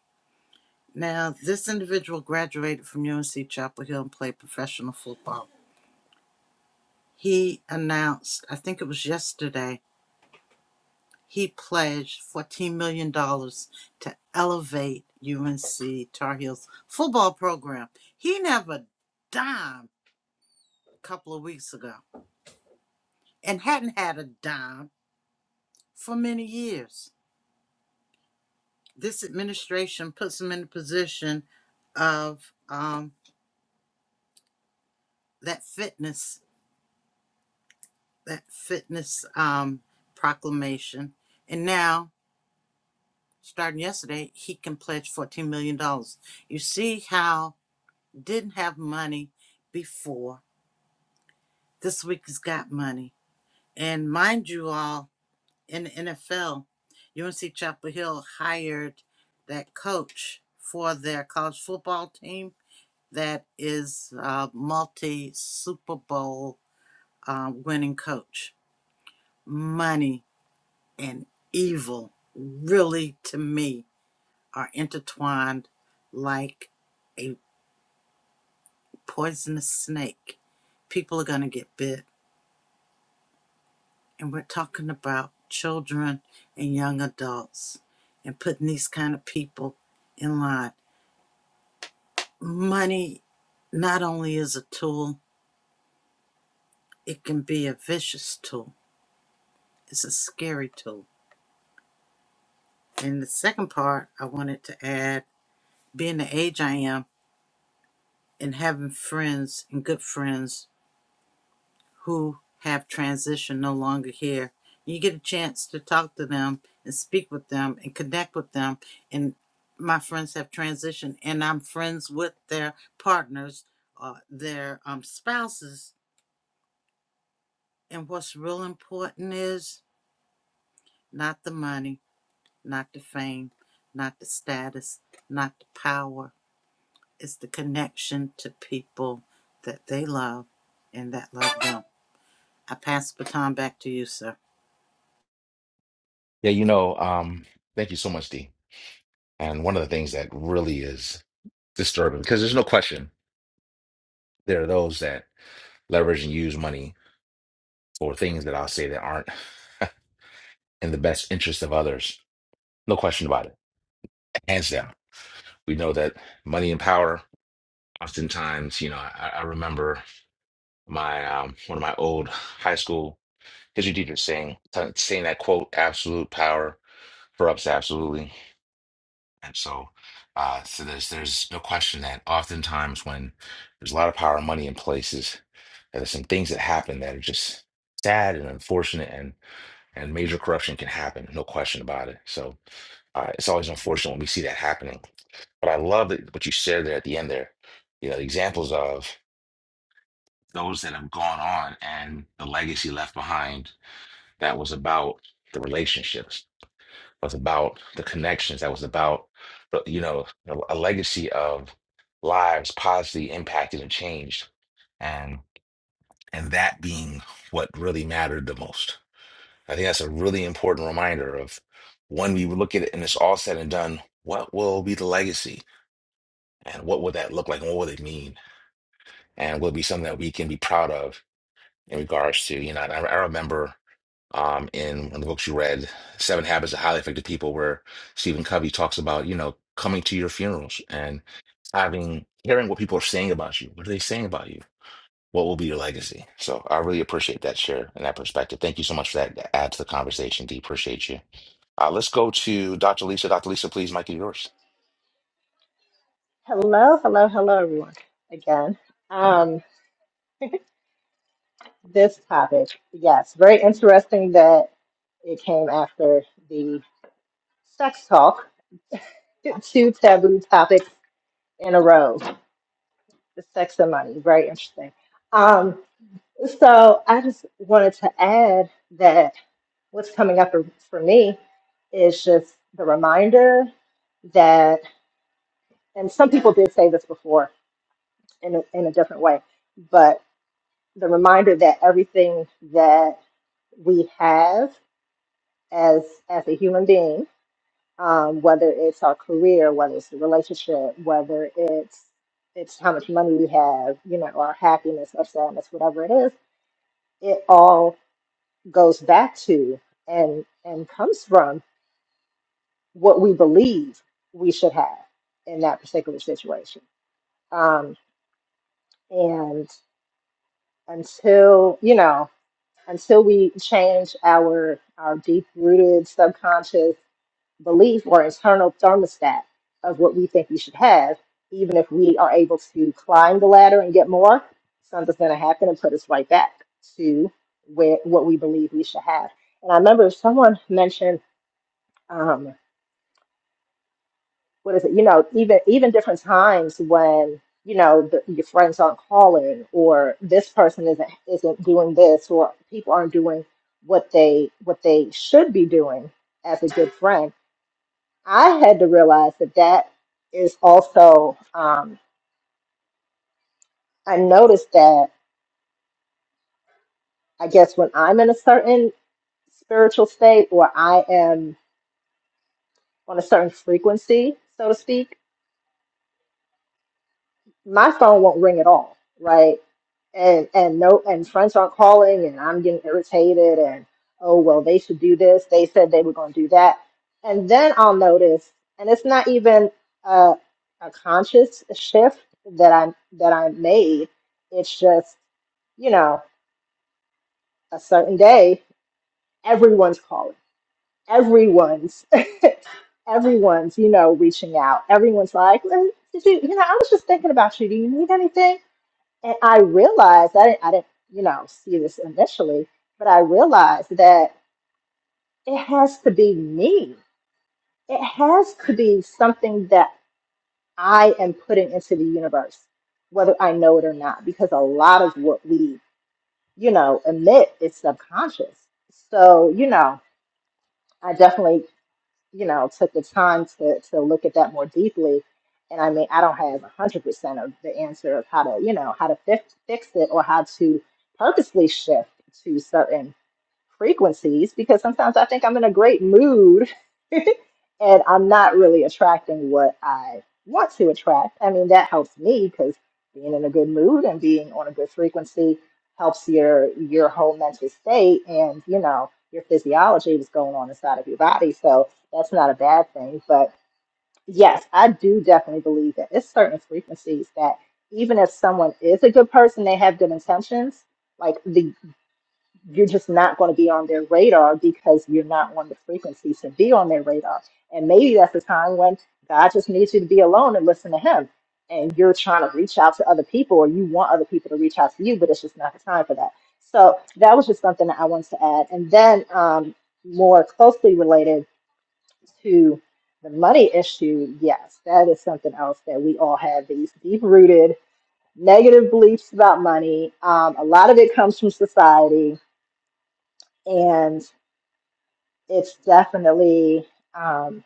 Speaker 2: Now, this individual graduated from UNC Chapel Hill and played professional football. He announced, I think it was yesterday, he pledged $14 million dollars to elevate UNC Tar Heels football program. He didn't have a dime a couple of weeks ago and hadn't had a dime for many years. This administration puts him in a position of um, that fitness, that fitness um, proclamation. And now, starting yesterday, he can pledge $14 million. dollars. You see how didn't have money before This week has got money. And mind you all, in the NFL, UNC Chapel Hill hired that coach for their college football team that is a multi Super Bowl uh, winning coach. Money and evil really, to me, are intertwined like a poisonous snake. People are going to get bit and we're talking about children and young adults and putting these kind of people in line. Money not only is a tool, it can be a vicious tool. It's a scary tool. And the second part I wanted to add, being the age I am and having friends and good friends who have transitioned no longer here. You get a chance to talk to them and speak with them and connect with them. And my friends have transitioned, and I'm friends with their partners, uh, their um, spouses. And what's real important is not the money, not the fame, not the status, not the power. It's the connection to people that they love and that love them. I pass the baton back to you, sir.
Speaker 1: Yeah, you know, um, thank you so much, D. And one of the things that really is disturbing, because there's no question, there are those that leverage and use money for things that I'll say that aren't. in the best interest of others. No question about it. Hands down. We know that money and power, oftentimes, you know, I, I remember my um, one of my old high school history teachers saying saying that quote, absolute power corrupts absolutely. And so uh so there's there's no question that oftentimes when there's a lot of power and money in places, there's some things that happen that are just sad and unfortunate and major corruption can happen, no question about it. So uh, it's always unfortunate when we see that happening. But I love that what you shared there at the end there. You know, the examples of those that have gone on and the legacy left behind that was about the relationships, was about the connections, that was about, the- you know, a, a legacy of lives positively impacted and changed. And and that being what really mattered the most I think that's a really important reminder of when we look at it and it's all said and done, what will be the legacy and what will that look like and what will it mean? And will it be something that we can be proud of in regards to, you know, and I, I remember um, in one of the books you read, Seven Habits of Highly Effective People, where Stephen Covey talks about, you know, coming to your funerals and having, hearing what people are saying about you. What are they saying about you? What will be your legacy? So I really appreciate that share and that perspective. Thank you so much for that. to Add to the conversation. D, appreciate you. Uh, let's go to Dr. Lisa. Dr. Lisa, please, Mike, is yours.
Speaker 8: Hello, hello, hello, everyone. Again, um, this topic, yes, very interesting that it came after the sex talk, two taboo topics in a row, the sex and money. Very interesting. Um, so I just wanted to add that what's coming up for for me is just the reminder that, and some people did say this before in a, in a different way, the reminder that everything that we have as as a human being, um, whether it's our career, whether it's the relationship, whether it's it's how much money we have, you know, our happiness, our sadness, whatever it is, it all goes back to and and comes from what we believe we should have in that particular situation. Um, and until you know until we change our our deep rooted subconscious belief or internal thermostat of what we think we should have, even if we are able to climb the ladder and get more, something's going to happen and put us right back to where what we believe we should have. And I remember someone mentioned. um, what is it? You know, even even different times when you know the, your friends aren't calling, or this person isn't isn't doing this, or people aren't doing what they what they should be doing as a good friend. I had to realize that that is also. Um, I noticed that I guess when I'm in a certain spiritual state, or I am on a certain frequency, so to speak my phone won't ring at all, right? And and no, and friends aren't calling, and I'm getting irritated, and oh well, they should do this. They said they were going to do that, and then I'll notice, and it's not even a, a conscious shift that I that I made. It's just you know a certain day, everyone's calling, everyone's. Everyone's, you know, reaching out. Everyone's like, "Well, "Did you, you know, I was just thinking about you. Do you need anything? And I realized I didn't, I didn't, you know, see this initially, but I realized that it has to be me. It has to be something that I am putting into the universe, whether I know it or not, because a lot of what we, you know, emit is subconscious. So, you know, I definitely you know, took the time to to look at that more deeply. And I mean, I don't have one hundred percent of the answer of how to, you know, how to fix fix it or how to purposely shift to certain frequencies because sometimes I think I'm in a great mood and I'm not really attracting what I want to attract. I mean, that helps me because being in a good mood and being on a good frequency helps your your whole mental state and you know your physiology was going on inside of your body. So that's not a bad thing. But yes, I do definitely believe that it's certain frequencies that even if someone is a good person, they have good intentions. Like the you're just not going to be on their radar because you're not on the frequency to be on their radar. And maybe that's the time when God just needs you to be alone and listen to Him. And you're trying to reach out to other people or you want other people to reach out to you, but it's just not the time for that. So that was just something that I wanted to add. And then, um, more closely related to the money issue, yes, that is something else that we all have these deep rooted negative beliefs about money. Um, a lot of it comes from society. and it's definitely um,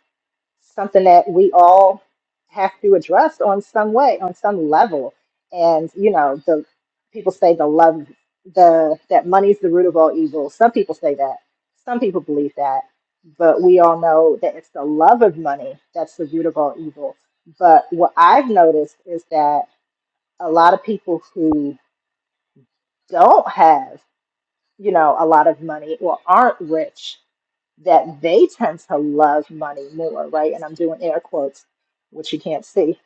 Speaker 8: something that we all have to address on some way, on some level. And you know, the people say the love, the that money's the root of all evil. Some people say that. Some people believe that. But we all know that it's the love of money that's the root of all evil. But what I've noticed is that a lot of people who don't have, you know, a lot of money or aren't rich that they tend to love money more, right? And I'm doing air quotes, which you can't see.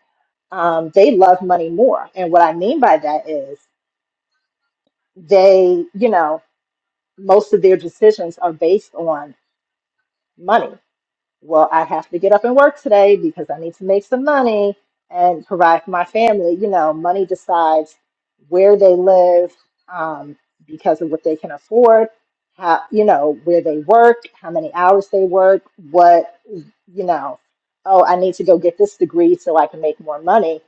Speaker 8: Um, they love money more. And what I mean by that is they, you know, most of their decisions are based on money. well, I have to get up and work today because I need to make some money and provide for my family. You know, money decides where they live um, because of what they can afford, how, you know, where they work, how many hours they work, what, you know, oh, I need to go get this degree so I can make more money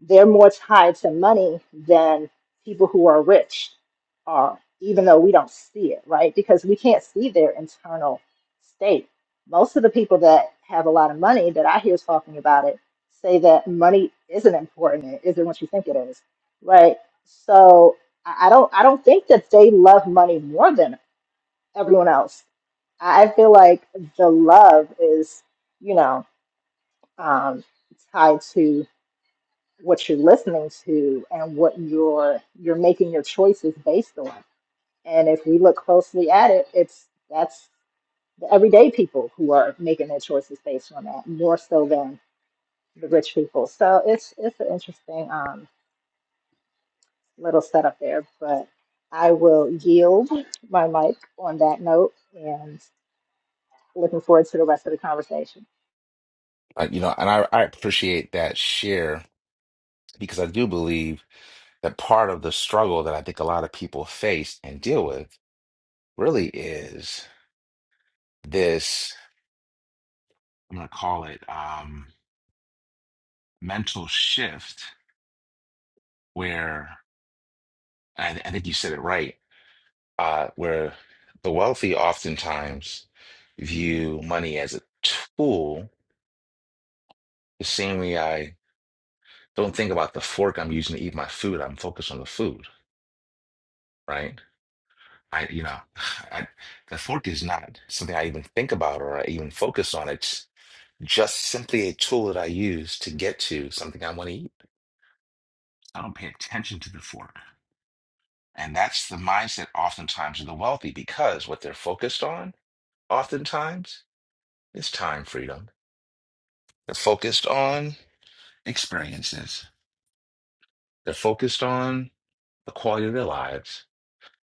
Speaker 8: they're more tied to money than people who are rich are, even though we don't see it, right? Because we can't see their internal state. Most of the people that have a lot of money that I hear talking about it say that money isn't important. It isn't what you think it is, right? So I I don't I don't think that they love money more than everyone else. I I feel like the love is, you know, um, tied to what you're listening to and what you're you're making your choices based on. And if we look closely at it, it's that's the everyday people who are making their choices based on that more so than the rich people. So it's it's an interesting um, little setup there, but I will yield my mic on that note and looking forward to the rest of the conversation.
Speaker 1: Uh, you know, and I, I appreciate that share because I do believe that part of the struggle that I think a lot of people face and deal with really is this, I'm going to call it um, mental shift, where I, I think you said it right uh, where the wealthy oftentimes view money as a tool, the same way I don't think about the fork I'm using to eat my food. I'm focused on the food, right? I, you know, I, the fork is not something I even think about or I even focus on. It's just simply a tool that I use to get to something I want to eat. I don't pay attention to the fork. And that's the mindset oftentimes of the wealthy because what they're focused on oftentimes is time freedom They're focused on experiences. They're focused on the quality of their lives.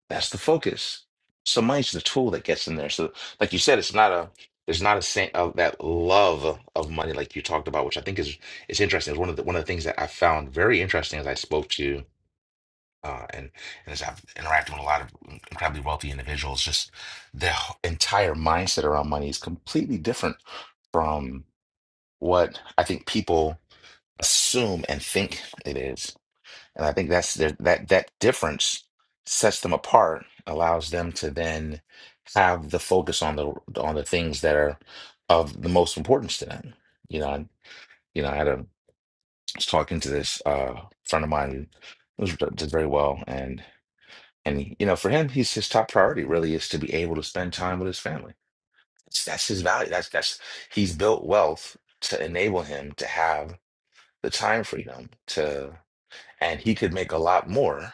Speaker 1: That's the focus. So money's the tool that gets in there. So, like you said, it's not a there's not a sense of that love of money like you talked about, which I think is is interesting. It's one of the one of the things that I found very interesting as I spoke to uh, and and as I've interacted with a lot of incredibly wealthy individuals, just their h- entire mindset around money is completely different from what I think people assume and think it is. And I think that's the, that that difference sets them apart, allows them to then have the focus on the on the things that are of the most importance to them. You know, I, you know, I had a was talking to this uh, friend of mine who was, uh, did very well, and and you know, for him, he's his top priority really is to be able to spend time with his family. That's, that's his value. That's that's he's built wealth to enable him to have the time freedom to. and he could make a lot more.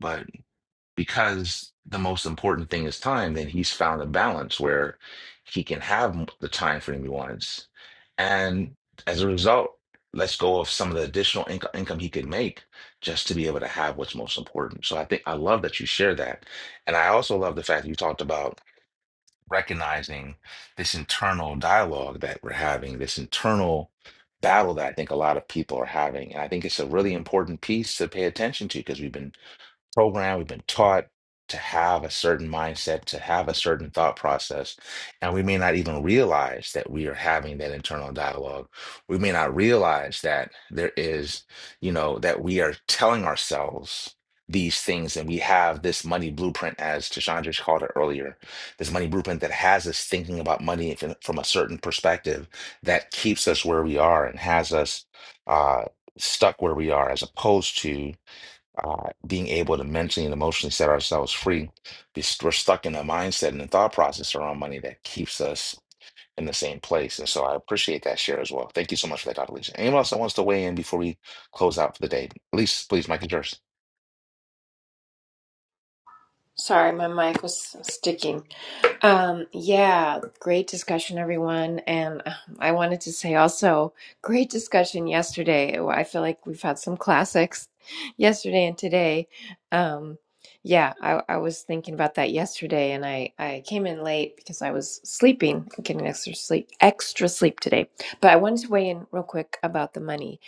Speaker 1: But because the most important thing is time, then he's found a balance where he can have m- the time frame he wants. And as a result, let's go of some of the additional inco- income he could make just to be able to have what's most important. So I think I love that you share that. And I also love the fact that you talked about recognizing this internal dialogue that we're having, this internal battle that I think a lot of people are having. And I think it's a really important piece to pay attention to because we've been programmed, we've been taught to have a certain mindset, to have a certain thought process, and we may not even realize that we are having that internal dialogue. We may not realize that there is, you know, that we are telling ourselves these things and we have this money blueprint as Tashandra just called it earlier this money blueprint that has us thinking about money from from a certain perspective that keeps us where we are and has us uh, stuck where we are as opposed to uh, being able to mentally and emotionally set ourselves free. Be- We're stuck in a mindset and a thought process around money that keeps us in the same place. And so I appreciate that share as well. Thank you so much for that, Dr. Lisa. Anyone else that wants to weigh in before we close out for the day? Elise, please, Mike is yours.
Speaker 11: Sorry, my mic was sticking. Um, yeah, great discussion, everyone. And uh, I wanted to say also, great discussion yesterday. I feel like we've had some classics yesterday and today. Um, yeah, I, I was thinking about that yesterday, and I, I came in late because I was sleeping, getting extra sleep, extra sleep today. But I wanted to weigh in real quick about the money.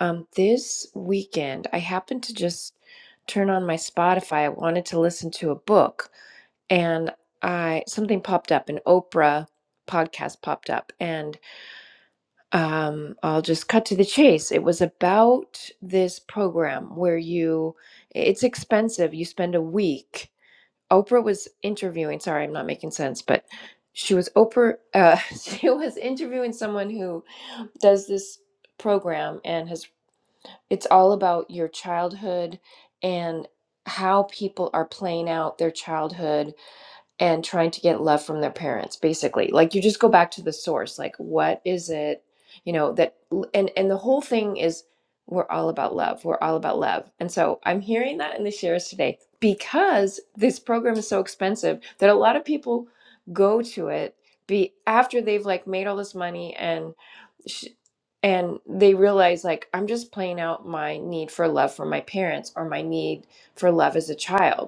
Speaker 11: Um, this weekend, I happened to just turn on my Spotify. I wanted to listen to a book, and I something popped up, an Oprah podcast popped up, and um, I'll just cut to the chase. It was about this program where you, it's expensive. You spend a week. Oprah was interviewing. Sorry, I'm not making sense, but she was Oprah. Uh, she was interviewing someone who does this program and has it's all about your childhood and how people are playing out their childhood and trying to get love from their parents basically like you just go back to the source like what is it you know that and and the whole thing is we're all about love we're all about love and so i'm hearing that in the shares today because this program is so expensive that a lot of people go to it be after they've like made all this money and and they realize like i'm just playing out my need for love from my parents or my need for love as a child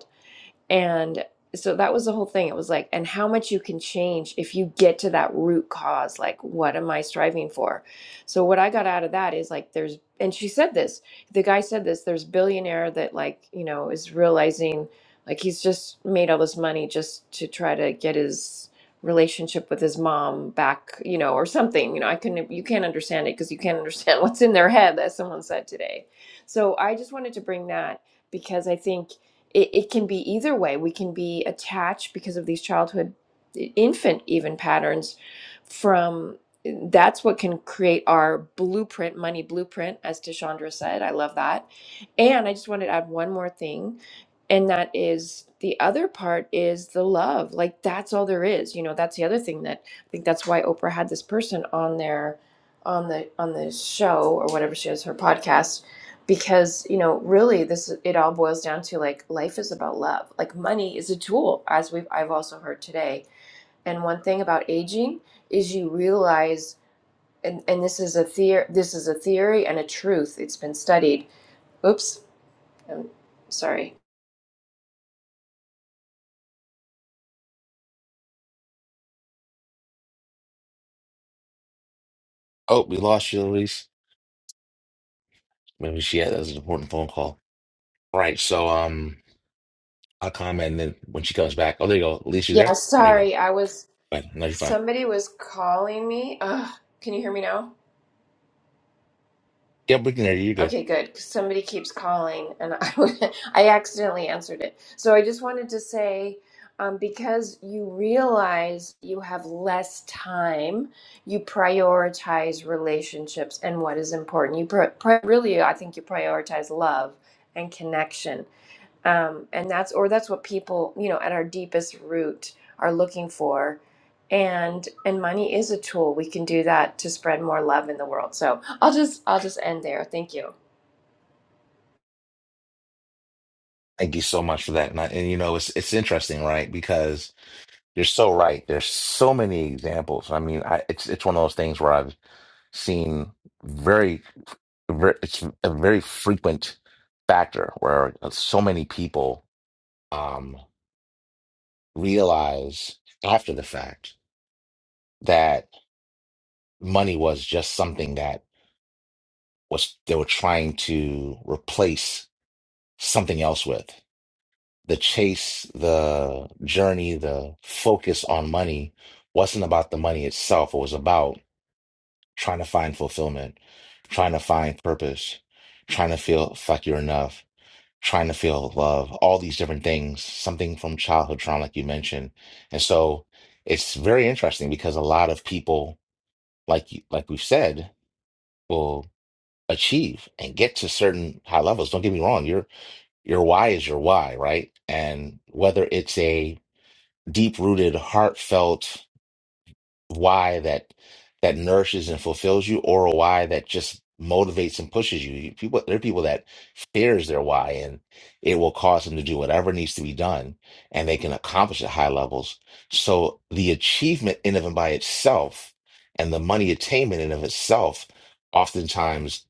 Speaker 11: and so that was the whole thing. It was like, and how much you can change if you get to that root cause. Like, what am I striving for? So, what I got out of that is like, there's, and she said this, the guy said this, there's billionaire that, like, you know, is realizing like he's just made all this money just to try to get his relationship with his mom back, you know, or something. You know, I couldn't, you can't understand it because you can't understand what's in their head, as someone said today. So, I just wanted to bring that because I think it, it can be either way. We can be attached because of these childhood, infant even patterns from that's what can create our blueprint, money blueprint, as Tishandra said. I love that. And I just wanted to add one more thing, and that is the other part is the love. Like that's all there is. You know, that's the other thing that I think that's why Oprah had this person on their on the on the show or whatever she has her podcast because you know really this it all boils down to like life is about love like money is a tool as we've i've also heard today and one thing about aging is you realize and, and this is a theory this is a theory and a truth it's been studied oops i'm sorry
Speaker 1: Oh, we lost you, Elise. Maybe she had that was an important phone call. All right. So um, I'll comment and then when she comes back. Oh, there you go. Elise, you
Speaker 11: yeah
Speaker 1: there? There you go.
Speaker 11: sorry i was
Speaker 1: Right. No, you're fine.
Speaker 11: somebody was calling me Ugh, can you hear me now
Speaker 1: Yep, we can hear you. You're good.
Speaker 11: Okay, good. 'cause somebody keeps calling, and I, I accidentally answered it. So I just wanted to say, um, because you realize you have less time, you prioritize relationships and what is important. You pri pri really, I think, you prioritize love and connection, um, and that's or that's what people, you know, at our deepest root are looking for. And and money is a tool. We can do that to spread more love in the world. So I'll just I'll just end there. Thank you.
Speaker 1: Thank you so much for that. And, I, and you know, it's it's interesting, right? Because You're so right. There's so many examples. I mean, I, it's it's one of those things where I've seen very, very it's a very frequent factor where so many people um, realize after the fact that money was just something that was they were trying to replace something else with. The chase, the journey, the focus on money wasn't about the money itself. It was about trying to find fulfillment, trying to find purpose, trying to feel like you're enough, trying to feel love, all these different things, something from childhood trauma, like you mentioned. And so it's very interesting because a lot of people, like you- like we've said, will achieve and get to certain high levels. Don't get me wrong, your your why is your why, right? And whether it's a deep rooted, heartfelt why that that nourishes and fulfills you or a why that just motivates and pushes you. You- People there are people that fears their why and it will cause them to do whatever needs to be done and they can accomplish at high levels. So the achievement in of and by itself and the money attainment in of itself oftentimes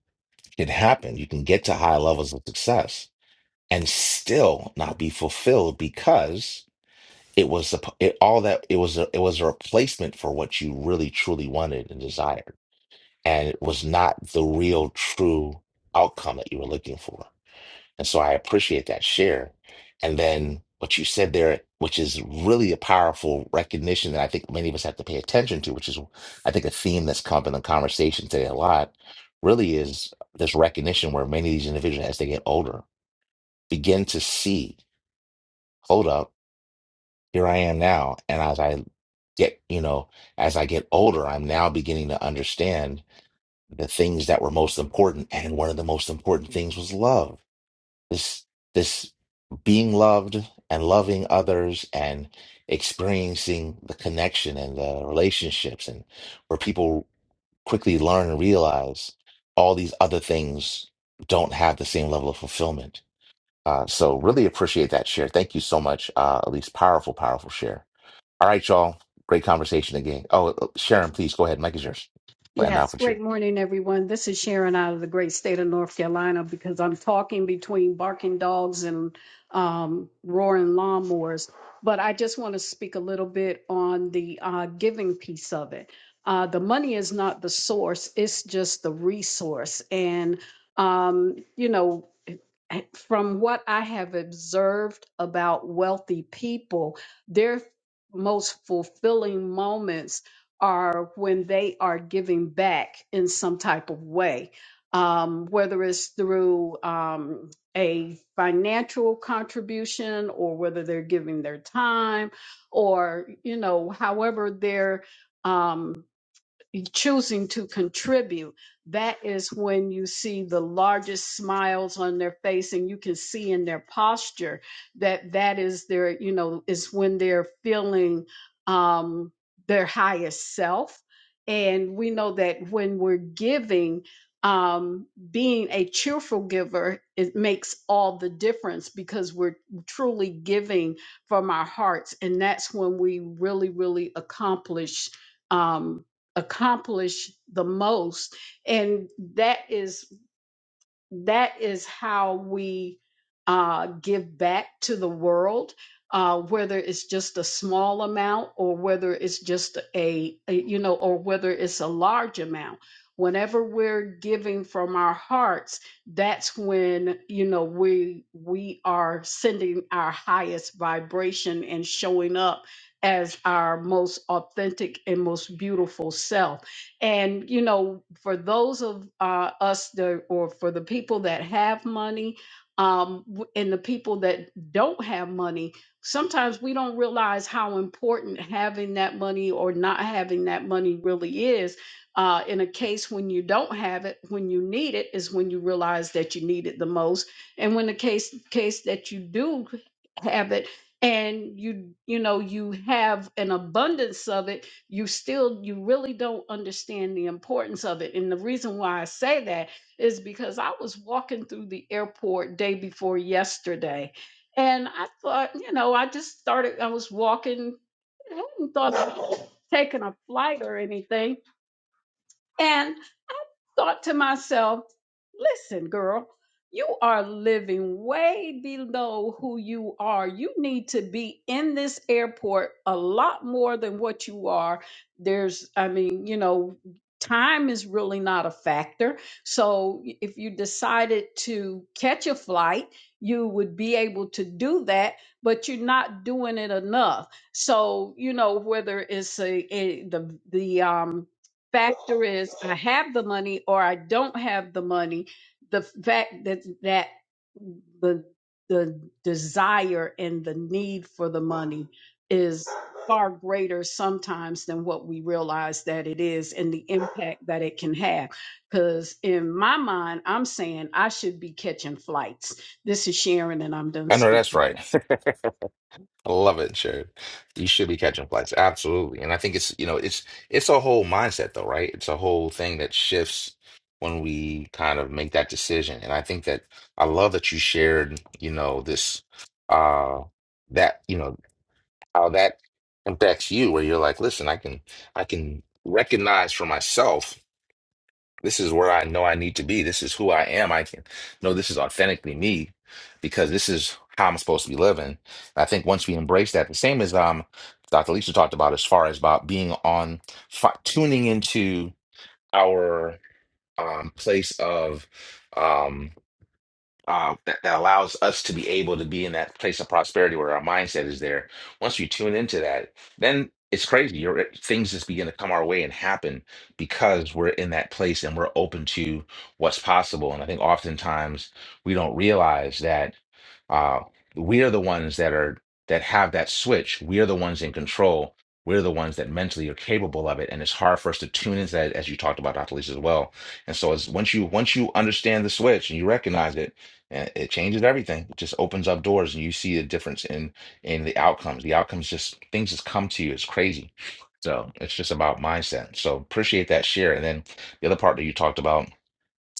Speaker 1: can happen. You can get to high levels of success and still not be fulfilled because it was suppo- it, all that it was a, it was a replacement for what you really truly wanted and desired, and it was not the real true outcome that you were looking for. And so I appreciate that share. And then what you said there, which is really a powerful recognition that I think many of us have to pay attention to, which is I think a theme that's come up in the conversation today a lot, really is this recognition where many of these individuals, as they get older, begin to see. Hold up. here I am now. And as I get, you know, as I get older, I'm now beginning to understand the things that were most important. And one of the most important things was love. This, this being loved and loving others and experiencing the connection and the relationships and where people quickly learn and realize all these other things don't have the same level of fulfillment. Uh, so really appreciate that share. Thank you so much, uh, Elise. Powerful, powerful share. All right, y'all. Great conversation again. Oh, uh, Sharon, please go ahead. Mike is yours. And now
Speaker 5: Yes,
Speaker 1: with you.
Speaker 5: great morning, everyone. This is Sharon out of the great state of North Carolina because I'm talking between barking dogs and um, roaring lawnmowers. But I just want to speak a little bit on the uh, giving piece of it. Uh, the money is not the source, it's just the resource. And, um, you know, from what I have observed about wealthy people, their most fulfilling moments are when they are giving back in some type of way, um, whether it's through um, a financial contribution or whether they're giving their time or, you know, however they're. Um, choosing to contribute, that is when you see the largest smiles on their face and you can see in their posture that that is their, you know, is when they're feeling um, their highest self. And we know that when we're giving, um, being a cheerful giver, it makes all the difference because we're truly giving from our hearts. And that's when we really, really accomplish. Um, accomplish the most and that is that is how we uh, give back to the world uh, whether it's just a small amount or whether it's just a, a you know or whether it's a large amount whenever we're giving from our hearts that's when you know we we are sending our highest vibration and showing up as our most authentic and most beautiful self and you know, for those of uh, us that, or for the people that have money, um, w- and the people that don't have money, sometimes we don't realize how important having that money or not having that money really is. Uh, in a case when you don't have it, when you need it, is when you realize that you need it the most. And when the case case that you do have it, and you you know you have an abundance of it you still you really don't understand the importance of it and the reason why i say that is because i was walking through the airport day before yesterday and i thought you know i just started i was walking i hadn't thought about taking a flight or anything and I thought to myself, listen, girl, you are living way below who you are. You need to be in this airport a lot more than what you are. There's, I mean, you know, time is really not a factor. So if you decided to catch a flight, you would be able to do that, but you're not doing it enough. So, you know, whether it's a, a the the um factor is I have the money or I don't have the money. The fact that that the the desire and the need for the money is far greater sometimes than what we realize that it is and the impact that it can have because in my mind i'm saying i should be catching flights this is sharon and i'm done
Speaker 1: I know that's
Speaker 5: speaking
Speaker 1: right. I love it, Sharon. You should be catching flights. Absolutely. And I think it's, you know, it's it's a whole mindset though, right? It's a whole thing that shifts when we kind of make that decision. And I think that I love that you shared, you know, this uh that, you know, how that impacts you where you're like, listen, I can I can recognize for myself This is where I know I need to be. This is who I am. I can know this is authentically me because this is how I'm supposed to be living. I think once we embrace that, the same as um Dr. Lisa talked about as far as about being on fi- tuning into our um place of um uh, that, that allows us to be able to be in that place of prosperity where our mindset is there. Once we tune into that, then it's crazy. You're, things just begin to come our way and happen because we're in that place and we're open to what's possible. And I think oftentimes we don't realize that uh, we are the ones that are that have that switch. We are the ones in control. We're the ones that mentally are capable of it, and it's hard for us to tune into that, as you talked about, Dr. Lisa, as well. And so, as once you once you understand the switch and you recognize it, and it changes everything it just opens up doors and you see the difference in in the outcomes the outcomes just things just come to you it's crazy so it's just about mindset so appreciate that share and then the other part that you talked about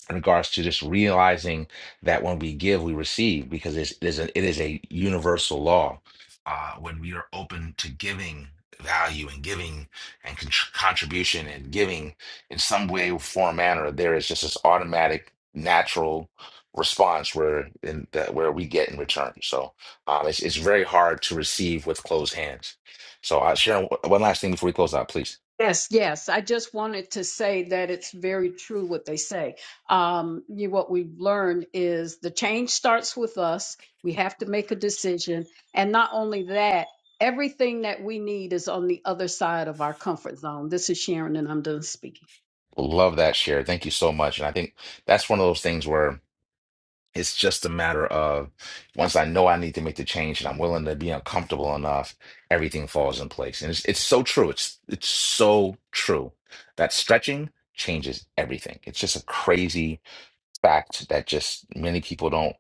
Speaker 1: in regards to just realizing that when we give, we receive, because it's, there's a, it is a universal law. Uh, when we are open to giving value and giving and con- contribution and giving in some way, form, manner, there is just this automatic, natural response where in that where we get in return. So um, it's it's very hard to receive with closed hands. So uh, Sharon, one last thing before we close out, please.
Speaker 5: Yes, yes. I just wanted to say that it's very true what they say. Um, you, what we've learned is the change starts with us. We have to make a decision. And not only that, everything that we need is on the other side of our comfort zone. This is Sharon, and I'm done speaking.
Speaker 1: Love that share. Thank you so much. And I think that's one of those things where It's just a matter of once I know I need to make the change and I'm willing to be uncomfortable enough, everything falls in place. And it's it's so true. It's it's so true that stretching changes everything. It's just a crazy fact that just many people don't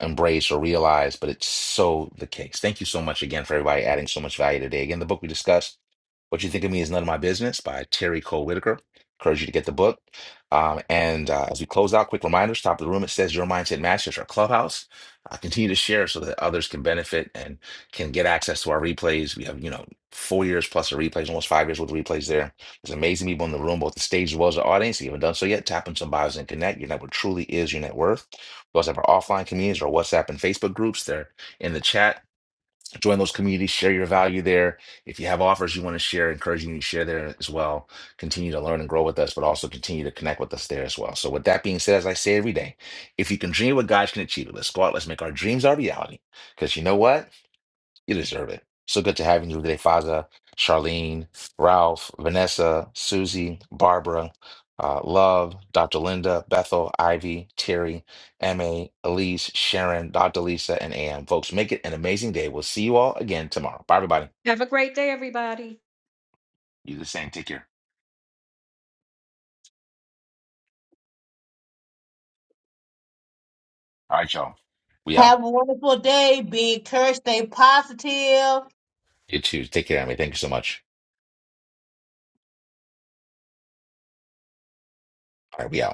Speaker 1: embrace or realize, but it's so the case. Thank you so much again for everybody adding so much value today. Again, the book we discussed, What You Think of Me Is None of My Business by Terry Cole Whitaker. Encourage you to get the book. Um, and uh, as we close out, quick reminders top of the room, it says Your Mindset Masters, our clubhouse. Uh, continue to share so that others can benefit and can get access to our replays. We have, you know, four years plus of replays, almost five years with replays there there's amazing people in the room, both the stage as well as the audience. If you haven't done so yet, tap on some bios and connect. Your network truly is your net worth. We also have our offline communities, our WhatsApp and Facebook groups. They're in the chat. Join those communities, share your value there. If you have offers you want to share, encouraging you to share there as well. Continue to learn and grow with us, but also continue to connect with us there as well. So, with that being said, as I say every day, if you can dream what God can achieve, it, let's go out, let's make our dreams our reality. Because you know what? You deserve it. So good to have you today, Faza, Charlene, Ralph, Vanessa, Susie, Barbara, uh, Love, Dr. Linda, Bethel, Ivy, Terry, Emma, Elise, Sharon, Dr. Lisa, and AM. Folks, make it an amazing day. We'll see you all again tomorrow. Bye, everybody.
Speaker 5: Have a great day.
Speaker 1: You the same. Take care. All right, y'all. We out.
Speaker 3: Have a wonderful day. Be encouraged. Stay positive.
Speaker 1: You too. Take care, Emmy. Thank you so much. All right, we out.